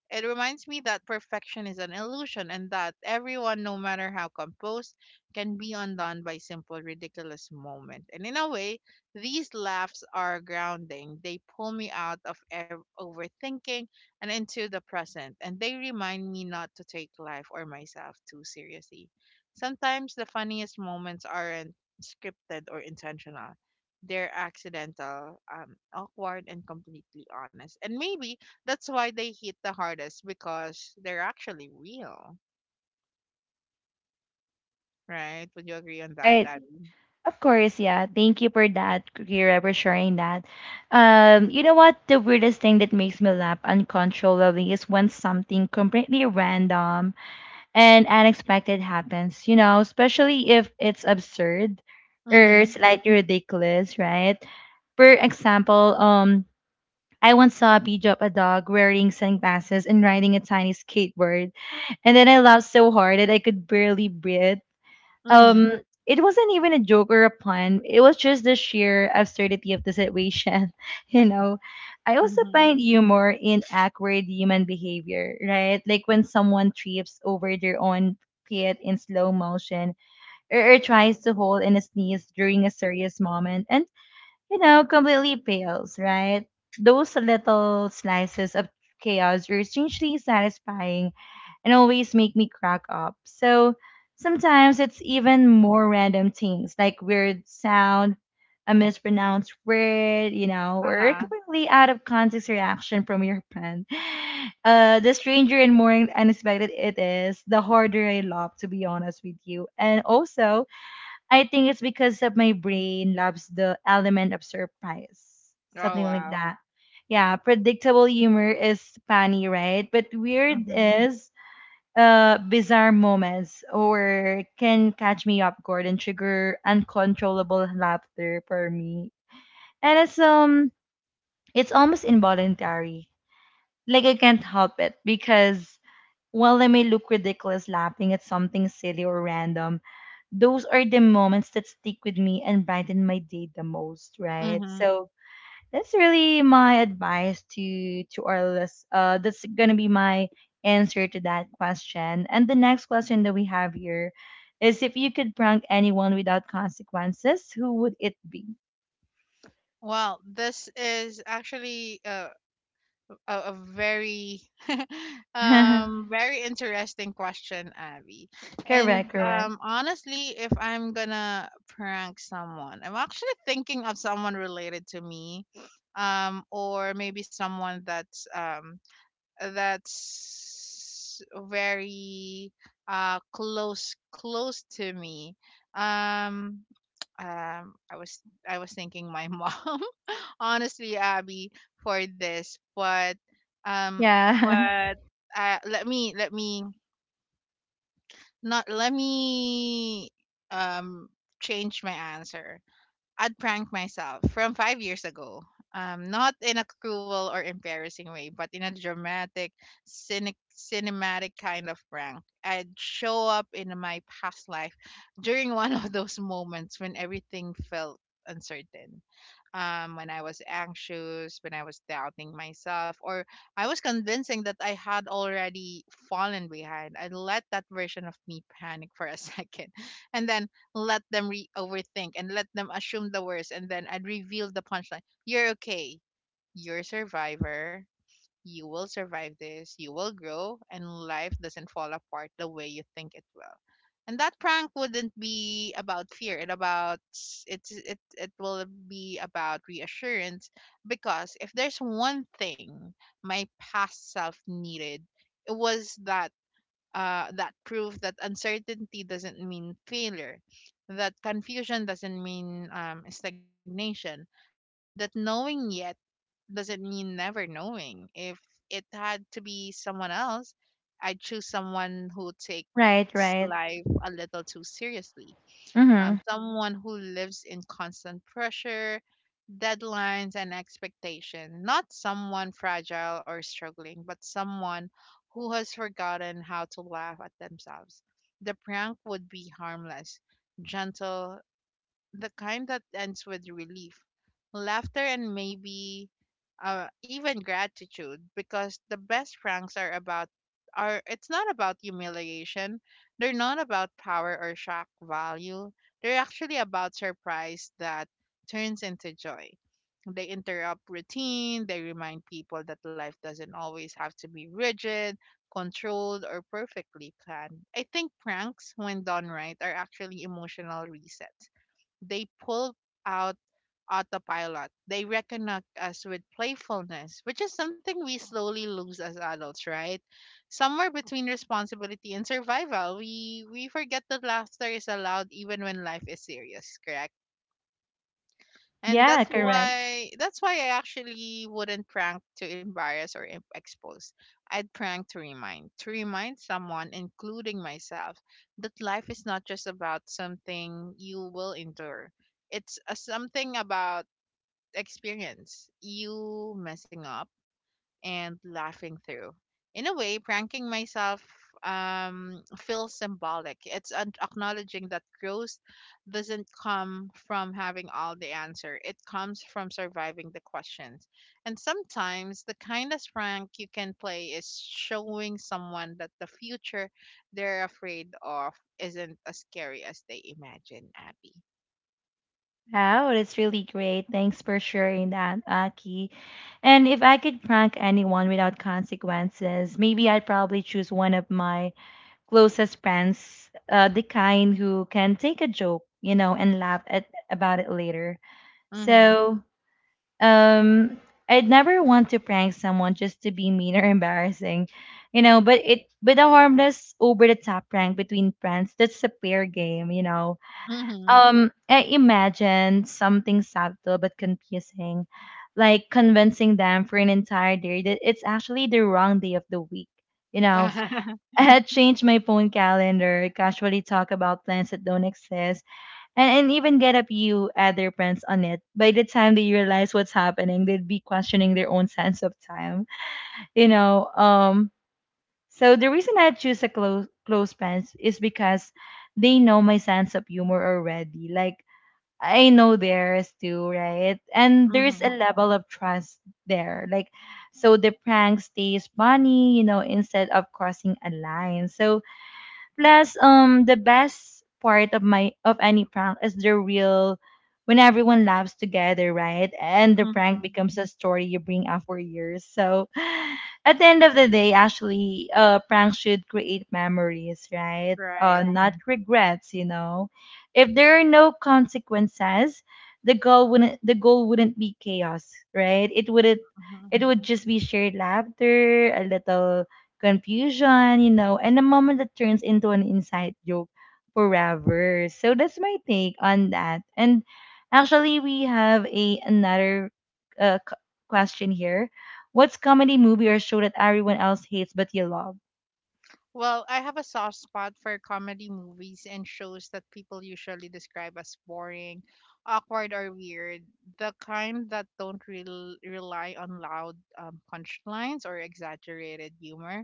[SPEAKER 2] It reminds me that perfection is an illusion, and that everyone, no matter how composed, can be undone by simple, ridiculous moment. And in a way, these laughs are grounding. They pull me out of overthinking and into the present, and they remind me not to take life or myself too seriously. Sometimes the funniest moments aren't scripted or intentional. They're accidental, awkward, and completely honest. And maybe that's why they hit the hardest, because they're actually real, right? Would you agree on that,
[SPEAKER 1] Right.
[SPEAKER 2] Abby?
[SPEAKER 1] Of course, yeah. Thank you for that, Kira, for sharing that. You know what? The weirdest thing that makes me laugh uncontrollably is when something completely random and unexpected happens, you know, especially if it's absurd or
[SPEAKER 2] Mm-hmm.
[SPEAKER 1] slightly ridiculous, right? For example, I once saw a video of a dog wearing sunglasses and riding a tiny skateboard, and then I laughed so hard that I could barely breathe.
[SPEAKER 2] Mm-hmm.
[SPEAKER 1] Um, it wasn't even a joke or a pun. It was just the sheer absurdity of the situation. You know, I also
[SPEAKER 2] Mm-hmm.
[SPEAKER 1] find humor in awkward human behavior, right? Like when someone trips over their own pit in slow motion, or tries to hold in a sneeze during a serious moment. And you know, completely pales, right? Those little slices of chaos are strangely satisfying and always make me crack up. So sometimes it's even more random things like weird sound, a mispronounced word, you know, or a
[SPEAKER 2] Uh-huh.
[SPEAKER 1] completely out of context reaction from your friend. The stranger and more unexpected it is, the harder I love, to be honest with you. And also, I think it's because of my brain loves the element of surprise,
[SPEAKER 2] Oh
[SPEAKER 1] something like
[SPEAKER 2] wow.
[SPEAKER 1] that. Yeah, predictable humor is funny, right? But weird
[SPEAKER 2] Mm-hmm.
[SPEAKER 1] is bizarre moments or can catch me up, guard and trigger uncontrollable laughter for me. And it's it's almost involuntary. Like I can't help it because while I may look ridiculous laughing at something silly or random, those are the moments that stick with me and brighten my day the most, right?
[SPEAKER 2] Mm-hmm.
[SPEAKER 1] So that's really my advice to our list. That's gonna be my answer to that question. And the next question that we have here is, if you could prank anyone without consequences, who would it be?
[SPEAKER 2] Well, this is actually a very very interesting question, Abby. And
[SPEAKER 1] Correct, correct.
[SPEAKER 2] honestly, if I'm gonna prank someone, I'm actually thinking of someone related to me, or maybe someone that's that's very close to me. Um I was I was thinking my mom, honestly, Abby, for this, but um
[SPEAKER 1] Yeah,
[SPEAKER 2] but let me not let me um change my answer. I'd prank myself from 5 years ago. Not in a cruel or embarrassing way, but in a dramatic, cinematic kind of prank. I'd show up in my past life during one of those moments when everything felt uncertain. When I was anxious, when I was doubting myself, or I was convincing that I had already fallen behind. I let that version of me panic for a second, and then let them re overthink and let them assume the worst, and then I'd reveal the punchline. You're okay. You're a survivor. You will survive this. You will grow, and life doesn't fall apart the way you think it will. And that prank wouldn't be about fear. It it will be about reassurance, because if there's one thing my past self needed, it was that. Uh, that proves that uncertainty doesn't mean failure, that confusion doesn't mean stagnation, that knowing yet doesn't mean never knowing. If it had to be someone else, I'd choose someone who takes
[SPEAKER 1] right, right.
[SPEAKER 2] life a little too seriously,
[SPEAKER 1] Mm-hmm.
[SPEAKER 2] someone who lives in constant pressure, deadlines, and expectation. Not someone fragile or struggling, but someone who has forgotten how to laugh at themselves. The prank would be harmless, gentle, the kind that ends with relief, laughter, and maybe even gratitude. Because the best pranks are about are it's not about humiliation. They're not about power or shock value. They're actually about surprise that turns into joy. They interrupt routine. They remind people that life doesn't always have to be rigid, controlled, or perfectly planned. I think pranks, when done right, are actually emotional resets. They pull out autopilot. They reconnect us with playfulness, which is something we slowly lose as adults, right? Somewhere between responsibility and survival, we forget that laughter is allowed even when life is serious, correct? And
[SPEAKER 1] Yeah,
[SPEAKER 2] that's
[SPEAKER 1] correct.
[SPEAKER 2] why That's why I actually wouldn't prank to embarrass or expose. I'd prank to remind someone, including myself, that life is not just about something you will endure. It's a something about experience, you messing up and laughing through. In a way, pranking myself feels symbolic. It's acknowledging that growth doesn't come from having all the answer, it comes from surviving the questions. And sometimes the kindest prank you can play is showing someone that the future they're afraid of isn't as scary as they imagine, Abby.
[SPEAKER 1] Wow, that's really great. Thanks for sharing that, Aki. And if I could prank anyone without consequences, maybe I'd probably choose one of my closest friends, the kind who can take a joke, you know, and laugh at about it later.
[SPEAKER 2] Mm-hmm.
[SPEAKER 1] So, um, I'd never want to prank someone just to be mean or embarrassing, you know. But a harmless, over-the-top prank between friends, that's a fair game, you know.
[SPEAKER 2] Mm-hmm.
[SPEAKER 1] I imagine something subtle but confusing, like convincing them for an entire day that it's actually the wrong day of the week. You know, I had changed my phone calendar, casually talk about plans that don't exist, and, even get a few other friends on it. By the time they realize what's happening, they'd be questioning their own sense of time. You know, so the reason I choose a close friends is because they know my sense of humor already. Like I know theirs too, right? And there's a
[SPEAKER 2] Mm-hmm.
[SPEAKER 1] level of trust there. Like, so the prank stays funny, you know, instead of crossing a line. So, plus, the best part of my of any prank is the real when everyone laughs together, right? And the prank
[SPEAKER 2] Mm-hmm.
[SPEAKER 1] becomes a story you bring up for years. So at the end of the day, actually, pranks should create memories, right?
[SPEAKER 2] Right.
[SPEAKER 1] Not right, regrets, you know. If there are no consequences, the goal wouldn't be chaos, right? It wouldn't
[SPEAKER 2] Mm-hmm.
[SPEAKER 1] It would just be shared laughter, a little confusion, you know, and a moment that turns into an inside joke forever. So that's my take on that. And actually, we have a another uh, q- question here. What's comedy movie or show that everyone else hates but you love?
[SPEAKER 2] Well, I have a soft spot for comedy movies and shows that people usually describe as boring, awkward, or weird. The kind that don't rely on loud punchlines or exaggerated humor,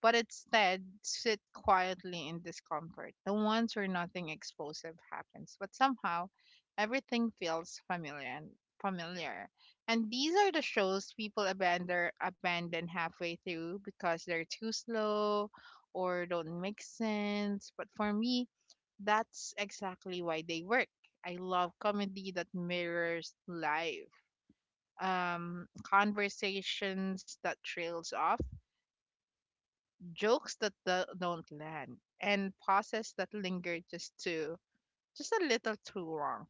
[SPEAKER 2] but instead sit quietly in discomfort. The ones where nothing explosive happens, but somehow everything feels familiar and familiar. And these are the shows people abandon halfway through because they're too slow or don't make sense. But for me, that's exactly why they work. I love comedy that mirrors life, conversations that trails off, jokes that don't land, and pauses that linger just a little too long.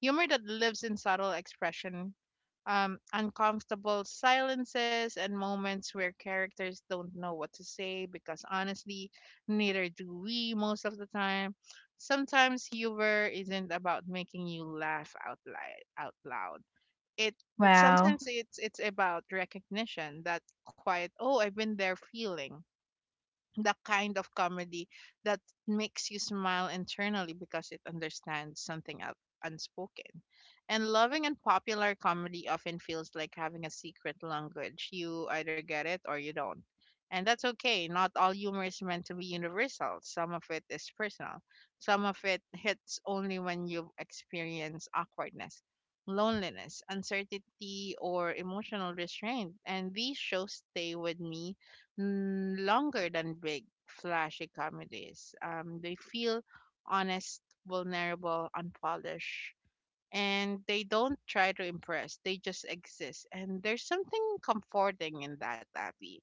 [SPEAKER 2] Humor that lives in subtle expression, uncomfortable silences, and moments where characters don't know what to say because honestly, neither do we most of the time. Sometimes humor isn't about making you laugh out loud. Out loud. It
[SPEAKER 1] Wow.
[SPEAKER 2] sometimes it's about recognition, that quiet "Oh, I've been there" feeling, the kind of comedy that makes you smile internally because it understands something up unspoken. And loving and popular comedy often feels like having a secret language. You either get it or you don't. And that's okay. Not all humor is meant to be universal. Some of it is personal. Some of it hits only when you've experienced awkwardness, loneliness, uncertainty, or emotional restraint. And these shows stay with me longer than big, flashy comedies. They feel honest, vulnerable, unpolished, and they don't try to impress. They just exist, and there's something comforting in that, Abby.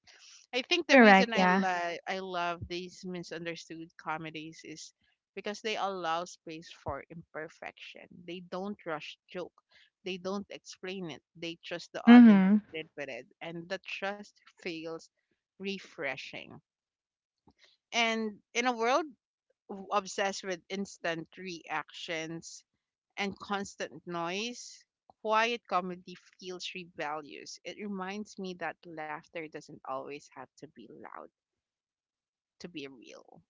[SPEAKER 2] I think the reason
[SPEAKER 1] Correct. Yeah.
[SPEAKER 2] I love these misunderstood comedies is because they allow space for imperfection. They don't rush joke. They don't explain it. They trust the audience
[SPEAKER 1] Mm-hmm.
[SPEAKER 2] to sit with it, and the trust feels refreshing. And in a world obsessed with instant reactions and constant noise, quiet comedy feels rebellious. It reminds me that laughter doesn't always have to be loud to be real.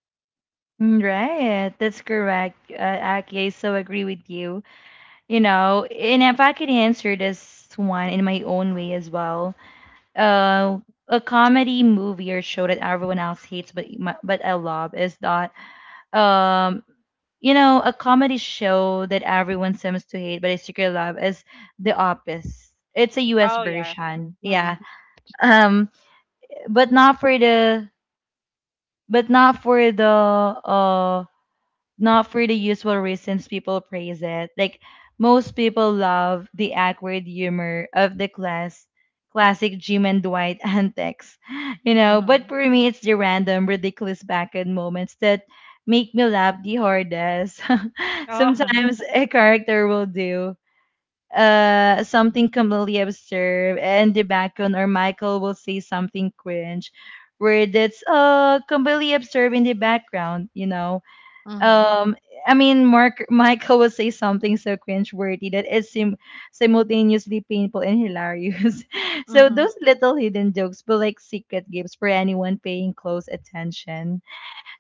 [SPEAKER 1] Right, that's correct. Aki, I so agree with you. You know, and if I could answer this one in my own way as well, uh, a comedy movie or show that everyone else hates but I love is that um you know, a comedy show that everyone seems to hate but I secretly love is The Office. It's a US
[SPEAKER 2] Oh yeah.
[SPEAKER 1] version.
[SPEAKER 2] Mm-mm.
[SPEAKER 1] Yeah. Um but not for the but not for the uh. not for the usual reasons people praise it. Like most people love the awkward humor of the classic Jim and Dwight antics. You know, but
[SPEAKER 2] Mhm.
[SPEAKER 1] for me it's the random, ridiculous back end moments that make me laugh the hardest.
[SPEAKER 2] Oh.
[SPEAKER 1] Sometimes a character will do something completely absurd and the background, or Michael will say something cringe where that's completely absurd in the background, you know.
[SPEAKER 2] Mhm.
[SPEAKER 1] um I mean, Mark Michael would say something so cringeworthy that is simultaneously painful and hilarious. So
[SPEAKER 2] Mhm.
[SPEAKER 1] those little hidden jokes but like secret gifts for anyone paying close attention.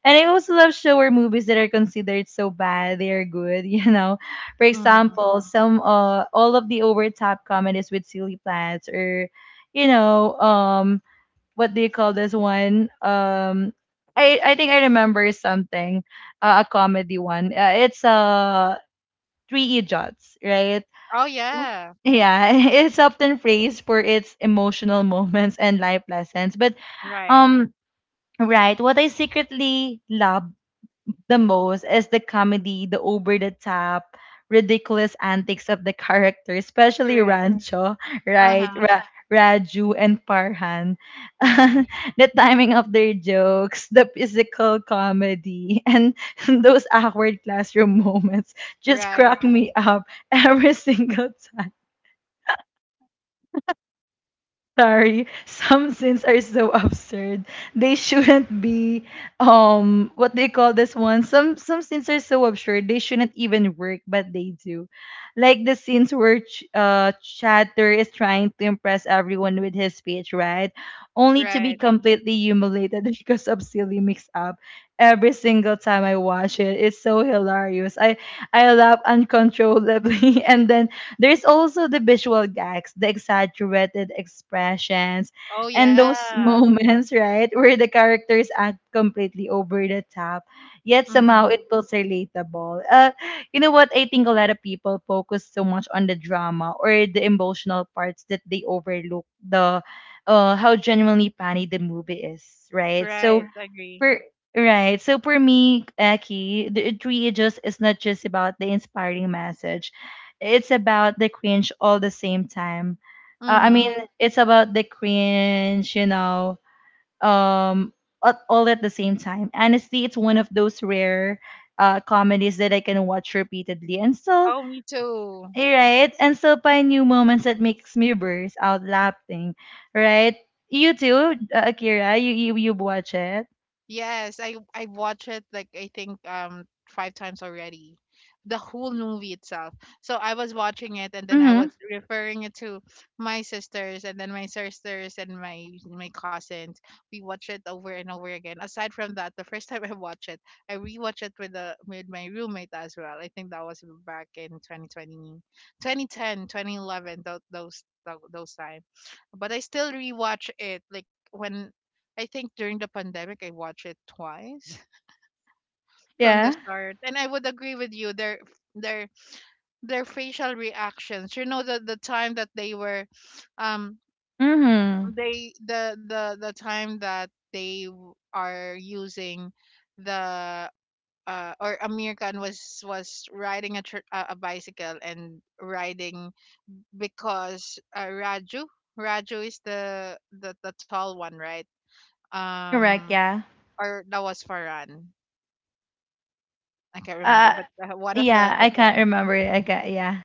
[SPEAKER 1] And I also love show or movies that are considered so bad they are good, you know. For
[SPEAKER 2] Mhm.
[SPEAKER 1] example, some all of the over top comedies with silly plots or you know, what do you call this one? I think I remember something, a comedy one. It's three idiots, right?
[SPEAKER 2] Oh yeah.
[SPEAKER 1] Yeah, it's often praised for its emotional moments and life lessons. But
[SPEAKER 2] Right.
[SPEAKER 1] um, right, what I secretly love the most is the comedy, the over the top, ridiculous antics of the characters, especially
[SPEAKER 2] Correct.
[SPEAKER 1] Rancho, right?
[SPEAKER 2] Uh-huh.
[SPEAKER 1] Raju and Parhan.
[SPEAKER 2] Yeah.
[SPEAKER 1] The timing of their jokes, the physical comedy, and those awkward classroom moments just
[SPEAKER 2] Right.
[SPEAKER 1] crack me up every single time. Sorry, some sins are so absurd. They shouldn't be what they call this one. Some sins are so absurd they shouldn't even work, but they do. Like the scenes where Chatter is trying to impress everyone with his speech, right? Only to
[SPEAKER 2] Right.
[SPEAKER 1] be completely humiliated because of silly mix up. Every single time I watch it, it's so hilarious. I laugh uncontrollably, and then there's also the visual gags, the exaggerated expressions,
[SPEAKER 2] Oh
[SPEAKER 1] and those
[SPEAKER 2] yeah.
[SPEAKER 1] moments, right, where the characters act completely over the top, yet somehow
[SPEAKER 2] Mhm.
[SPEAKER 1] it feels relatable. You know what? I think a lot of people focus so much on the drama or the emotional parts that they overlook the how genuinely funny the movie is, right?
[SPEAKER 2] Right.
[SPEAKER 1] So
[SPEAKER 2] Agree.
[SPEAKER 1] for right. So for me, Aki, the it really just is not just about the inspiring message. It's about the cringe all the same time. I
[SPEAKER 2] Mhm.
[SPEAKER 1] mean, it's about the cringe, you know, um, at, all at the same time. Honestly, it's one of those rare comedies that I can watch repeatedly and still,
[SPEAKER 2] Oh, me too.
[SPEAKER 1] hey, right, and still find new moments that makes me burst out laughing, right? You too, Akira. You watch it.
[SPEAKER 2] Yes, I watched it, like, I think 5 times already. The whole movie itself. So I was watching it and then I was
[SPEAKER 1] Mm-hmm.
[SPEAKER 2] referring it to my sisters and then my sisters and my cousins. We watched it over and over again. Aside from that, the first time I watched it, I rewatched it with the with my roommate as well. I think that was back in 2010 2011, those time. But I still rewatch it, like, when I think during the pandemic I watched it twice. From the
[SPEAKER 1] Yeah.
[SPEAKER 2] start. And I would agree with you, their their their facial reactions. You know, the time that they were, um
[SPEAKER 1] Mhm.
[SPEAKER 2] the time that they are using the or Amir Khan was riding a, tr- a bicycle, and riding because Raju is the tall one, right?
[SPEAKER 1] Correct,
[SPEAKER 2] um
[SPEAKER 1] yeah.
[SPEAKER 2] or that was Farhan, I can't remember,
[SPEAKER 1] Uh
[SPEAKER 2] but one of the
[SPEAKER 1] yeah, I can't
[SPEAKER 2] friends,
[SPEAKER 1] remember it. I got yeah.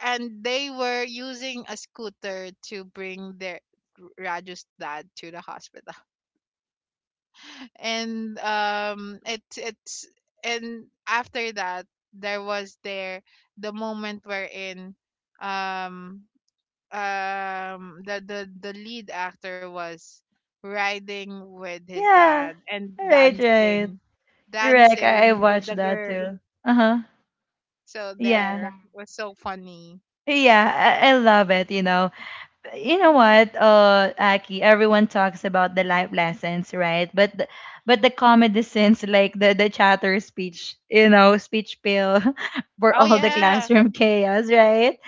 [SPEAKER 2] and they were using a scooter to bring their Raju's dad to the hospital, and it it's and after that there was there the moment wherein, um the lead actor was riding with his
[SPEAKER 1] Yeah.
[SPEAKER 2] dad and
[SPEAKER 1] Right, right. Correct. I
[SPEAKER 2] dancing with the
[SPEAKER 1] watched that
[SPEAKER 2] girl.
[SPEAKER 1] too. Uh-huh.
[SPEAKER 2] So
[SPEAKER 1] Yeah.
[SPEAKER 2] there was so funny.
[SPEAKER 1] Yeah, I love it, you know. You know what, Aki, everyone talks about the life lessons, right? But the comedy scenes like the chatter speech, you know, speech pill for
[SPEAKER 2] Oh,
[SPEAKER 1] all the
[SPEAKER 2] yeah.
[SPEAKER 1] classroom chaos, right?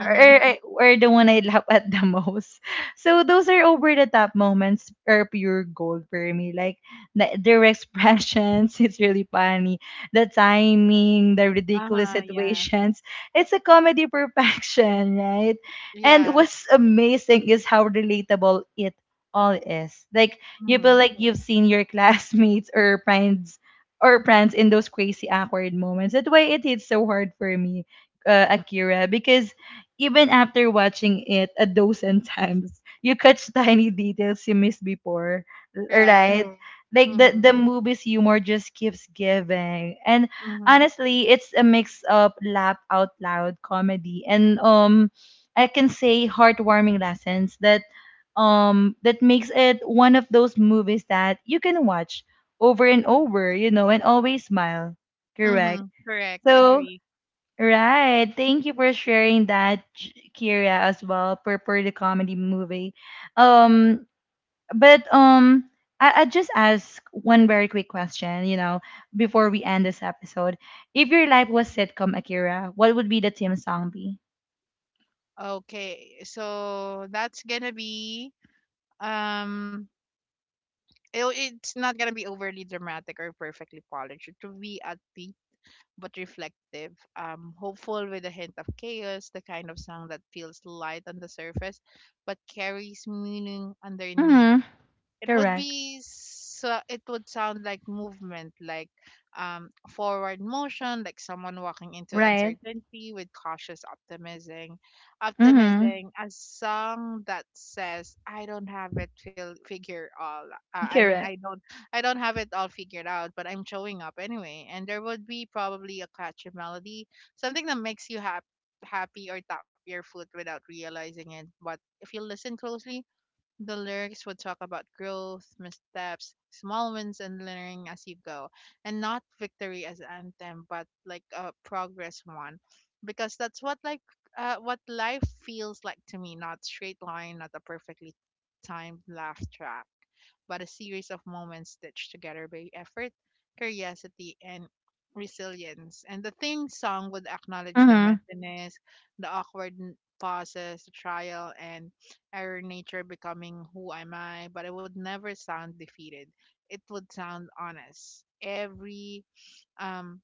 [SPEAKER 1] or, or or the one I laugh at the most. So those are over the top moments are pure gold for me. Like the, their expressions, it's really funny. The timing, the ridiculous
[SPEAKER 2] Uh-huh, yeah.
[SPEAKER 1] situations. It's a comedy perfection, right? And
[SPEAKER 2] Yeah.
[SPEAKER 1] what's amazing is how relatable it all is. Like you
[SPEAKER 2] Mhm.
[SPEAKER 1] feel like you've seen your classmates or friends in those crazy awkward moments. That's why it hits so hard for me Akira, because even after watching it a dozen times, you catch tiny details you missed before,
[SPEAKER 2] Right.
[SPEAKER 1] right? Like
[SPEAKER 2] Mhm.
[SPEAKER 1] the movie's humor just keeps giving, and
[SPEAKER 2] Mhm.
[SPEAKER 1] honestly, it's a mix of laugh out loud comedy and I can say heartwarming lessons that that makes it one of those movies that you can watch over and over, you know, and always smile. Correct.
[SPEAKER 2] Mhm. Correct.
[SPEAKER 1] So
[SPEAKER 2] Agree.
[SPEAKER 1] right. Thank you for sharing that, Kira, as well, per, per the comedy movie. Um, but I just ask one very quick question, you know, before we end this episode. If your life was sitcom, Akira, what would be the theme song be?
[SPEAKER 2] Okay. So that's gonna be um it, it's not gonna be overly dramatic or perfectly polished. It will be at the but reflective, hopeful with a hint of chaos, the kind of song that feels light on the surface but carries meaning underneath.
[SPEAKER 1] Mm-hmm. Correct.
[SPEAKER 2] It would sound like movement, like forward motion, like someone walking into
[SPEAKER 1] Right.
[SPEAKER 2] uncertainty with cautious optimism
[SPEAKER 1] Mm-hmm.
[SPEAKER 2] optimism a song that says, "I don't have it feel figure all." uh, i mean i
[SPEAKER 1] Correct.
[SPEAKER 2] don't I don't have it all figured out, but I'm showing up anyway. And there would be probably a catchy melody, something that makes you happy, or tap your foot without realizing it. But if you listen closely, the lyrics would talk about growth, missteps, small wins, and learning as you go, and not victory as anthem, but like a progress one, because that's what like, what life feels like to me. Not straight line, not a perfectly timed laugh track, but a series of moments stitched together by effort, curiosity, and resilience. And the theme song would acknowledge the
[SPEAKER 1] Mm-hmm.
[SPEAKER 2] messiness, the awkward pauses, the trial and error nature becoming who am I, but it would never sound defeated. It would sound honest. Um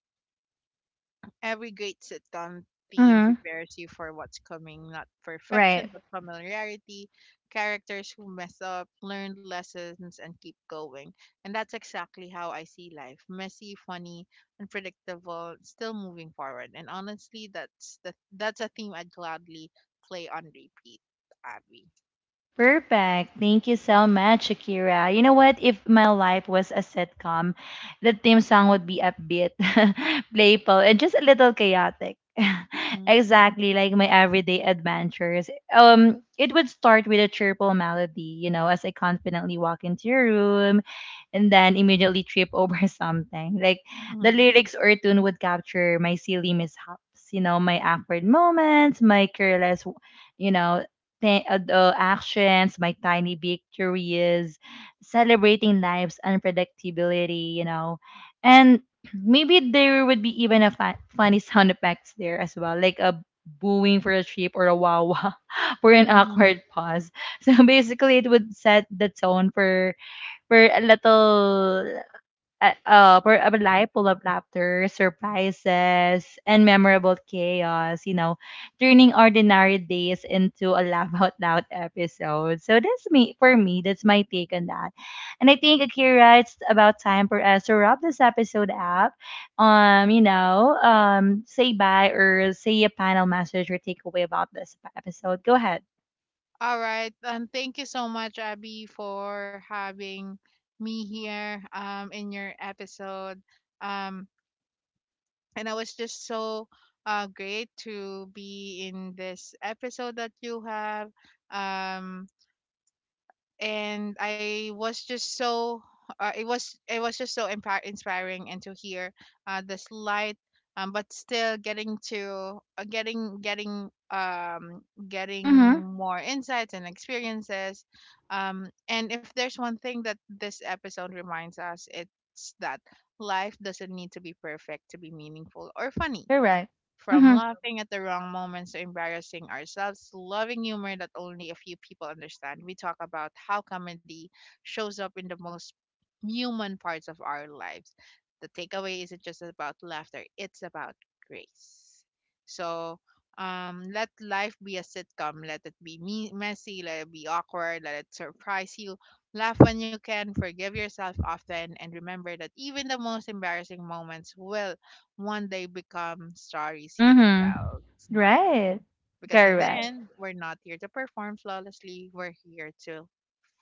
[SPEAKER 2] every great sitcom theme
[SPEAKER 1] Mm-hmm.
[SPEAKER 2] prepares you for what's coming, not perfection,
[SPEAKER 1] Right.
[SPEAKER 2] but familiarity, characters who mess up, learn lessons, and keep going. And that's exactly how I see life: messy, funny, unpredictable, still moving forward. And honestly, that's a theme I'd gladly play on repeat, Abby.
[SPEAKER 1] Perfect. Thank you so much, Shakira. You know what? If my life was a sitcom, the theme song would be upbeat, playful, and just a little chaotic.
[SPEAKER 2] Mm-hmm.
[SPEAKER 1] Exactly like my everyday adventures. It would start with a cheerful melody, you know, as I confidently walk into your room and then immediately trip over something. Like the lyrics or tune would capture my silly mishaps, you know, my awkward moments, my careless you know, the actions, my tiny victories, celebrating life's unpredictability, you know. And maybe there would be even a funny sound effects there as well, like a booing for a trip or a wawa for an
[SPEAKER 2] Mm-hmm.
[SPEAKER 1] awkward pause. So basically, it would set the tone for a little for a life full of laughter, surprises, and memorable chaos, you know, turning ordinary days into a laugh out loud episode. So that's me for me, that's my take on that. And I think, Akira, it's about time for us to wrap this episode up. You know, say bye or say a final message or takeaway about this episode. Go ahead.
[SPEAKER 2] All right. Thank you so much, Abby, for having me here, in your episode. Um, and I was just so great to be in this episode that you have. Um, and I was just so it was just so impar inspiring, and to hear the slight, but still getting to getting
[SPEAKER 1] Mm-hmm.
[SPEAKER 2] more insights and experiences, and if there's one thing that this episode reminds us, it's that life doesn't need to be perfect to be meaningful or funny.
[SPEAKER 1] You're right.
[SPEAKER 2] From
[SPEAKER 1] Mm-hmm.
[SPEAKER 2] laughing at the wrong moments to embarrassing ourselves, to loving humor that only a few people understand, we talk about how comedy shows up in the most human parts of our lives. The takeaway isn't just about laughter, it's about grace. So, let life be a sitcom. Let it be messy, let it be awkward, let it surprise you. Laugh when you can, forgive yourself often, and remember that even the most embarrassing moments will one day become stories you
[SPEAKER 1] Mm-hmm.
[SPEAKER 2] tell smiling.
[SPEAKER 1] Right.
[SPEAKER 2] Because in the
[SPEAKER 1] Correct.
[SPEAKER 2] end, we're not here to perform flawlessly, we're here to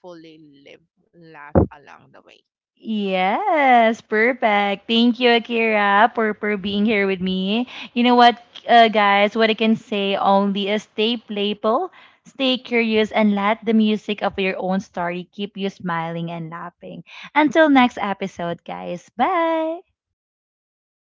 [SPEAKER 2] fully live, laugh along the way.
[SPEAKER 1] Yes, perfect. Thank you, Akira, for being here with me. You know what, guys, what I can say only is stay playful, stay curious, and let the music of your own story keep you smiling and laughing. Until next episode, guys. Bye.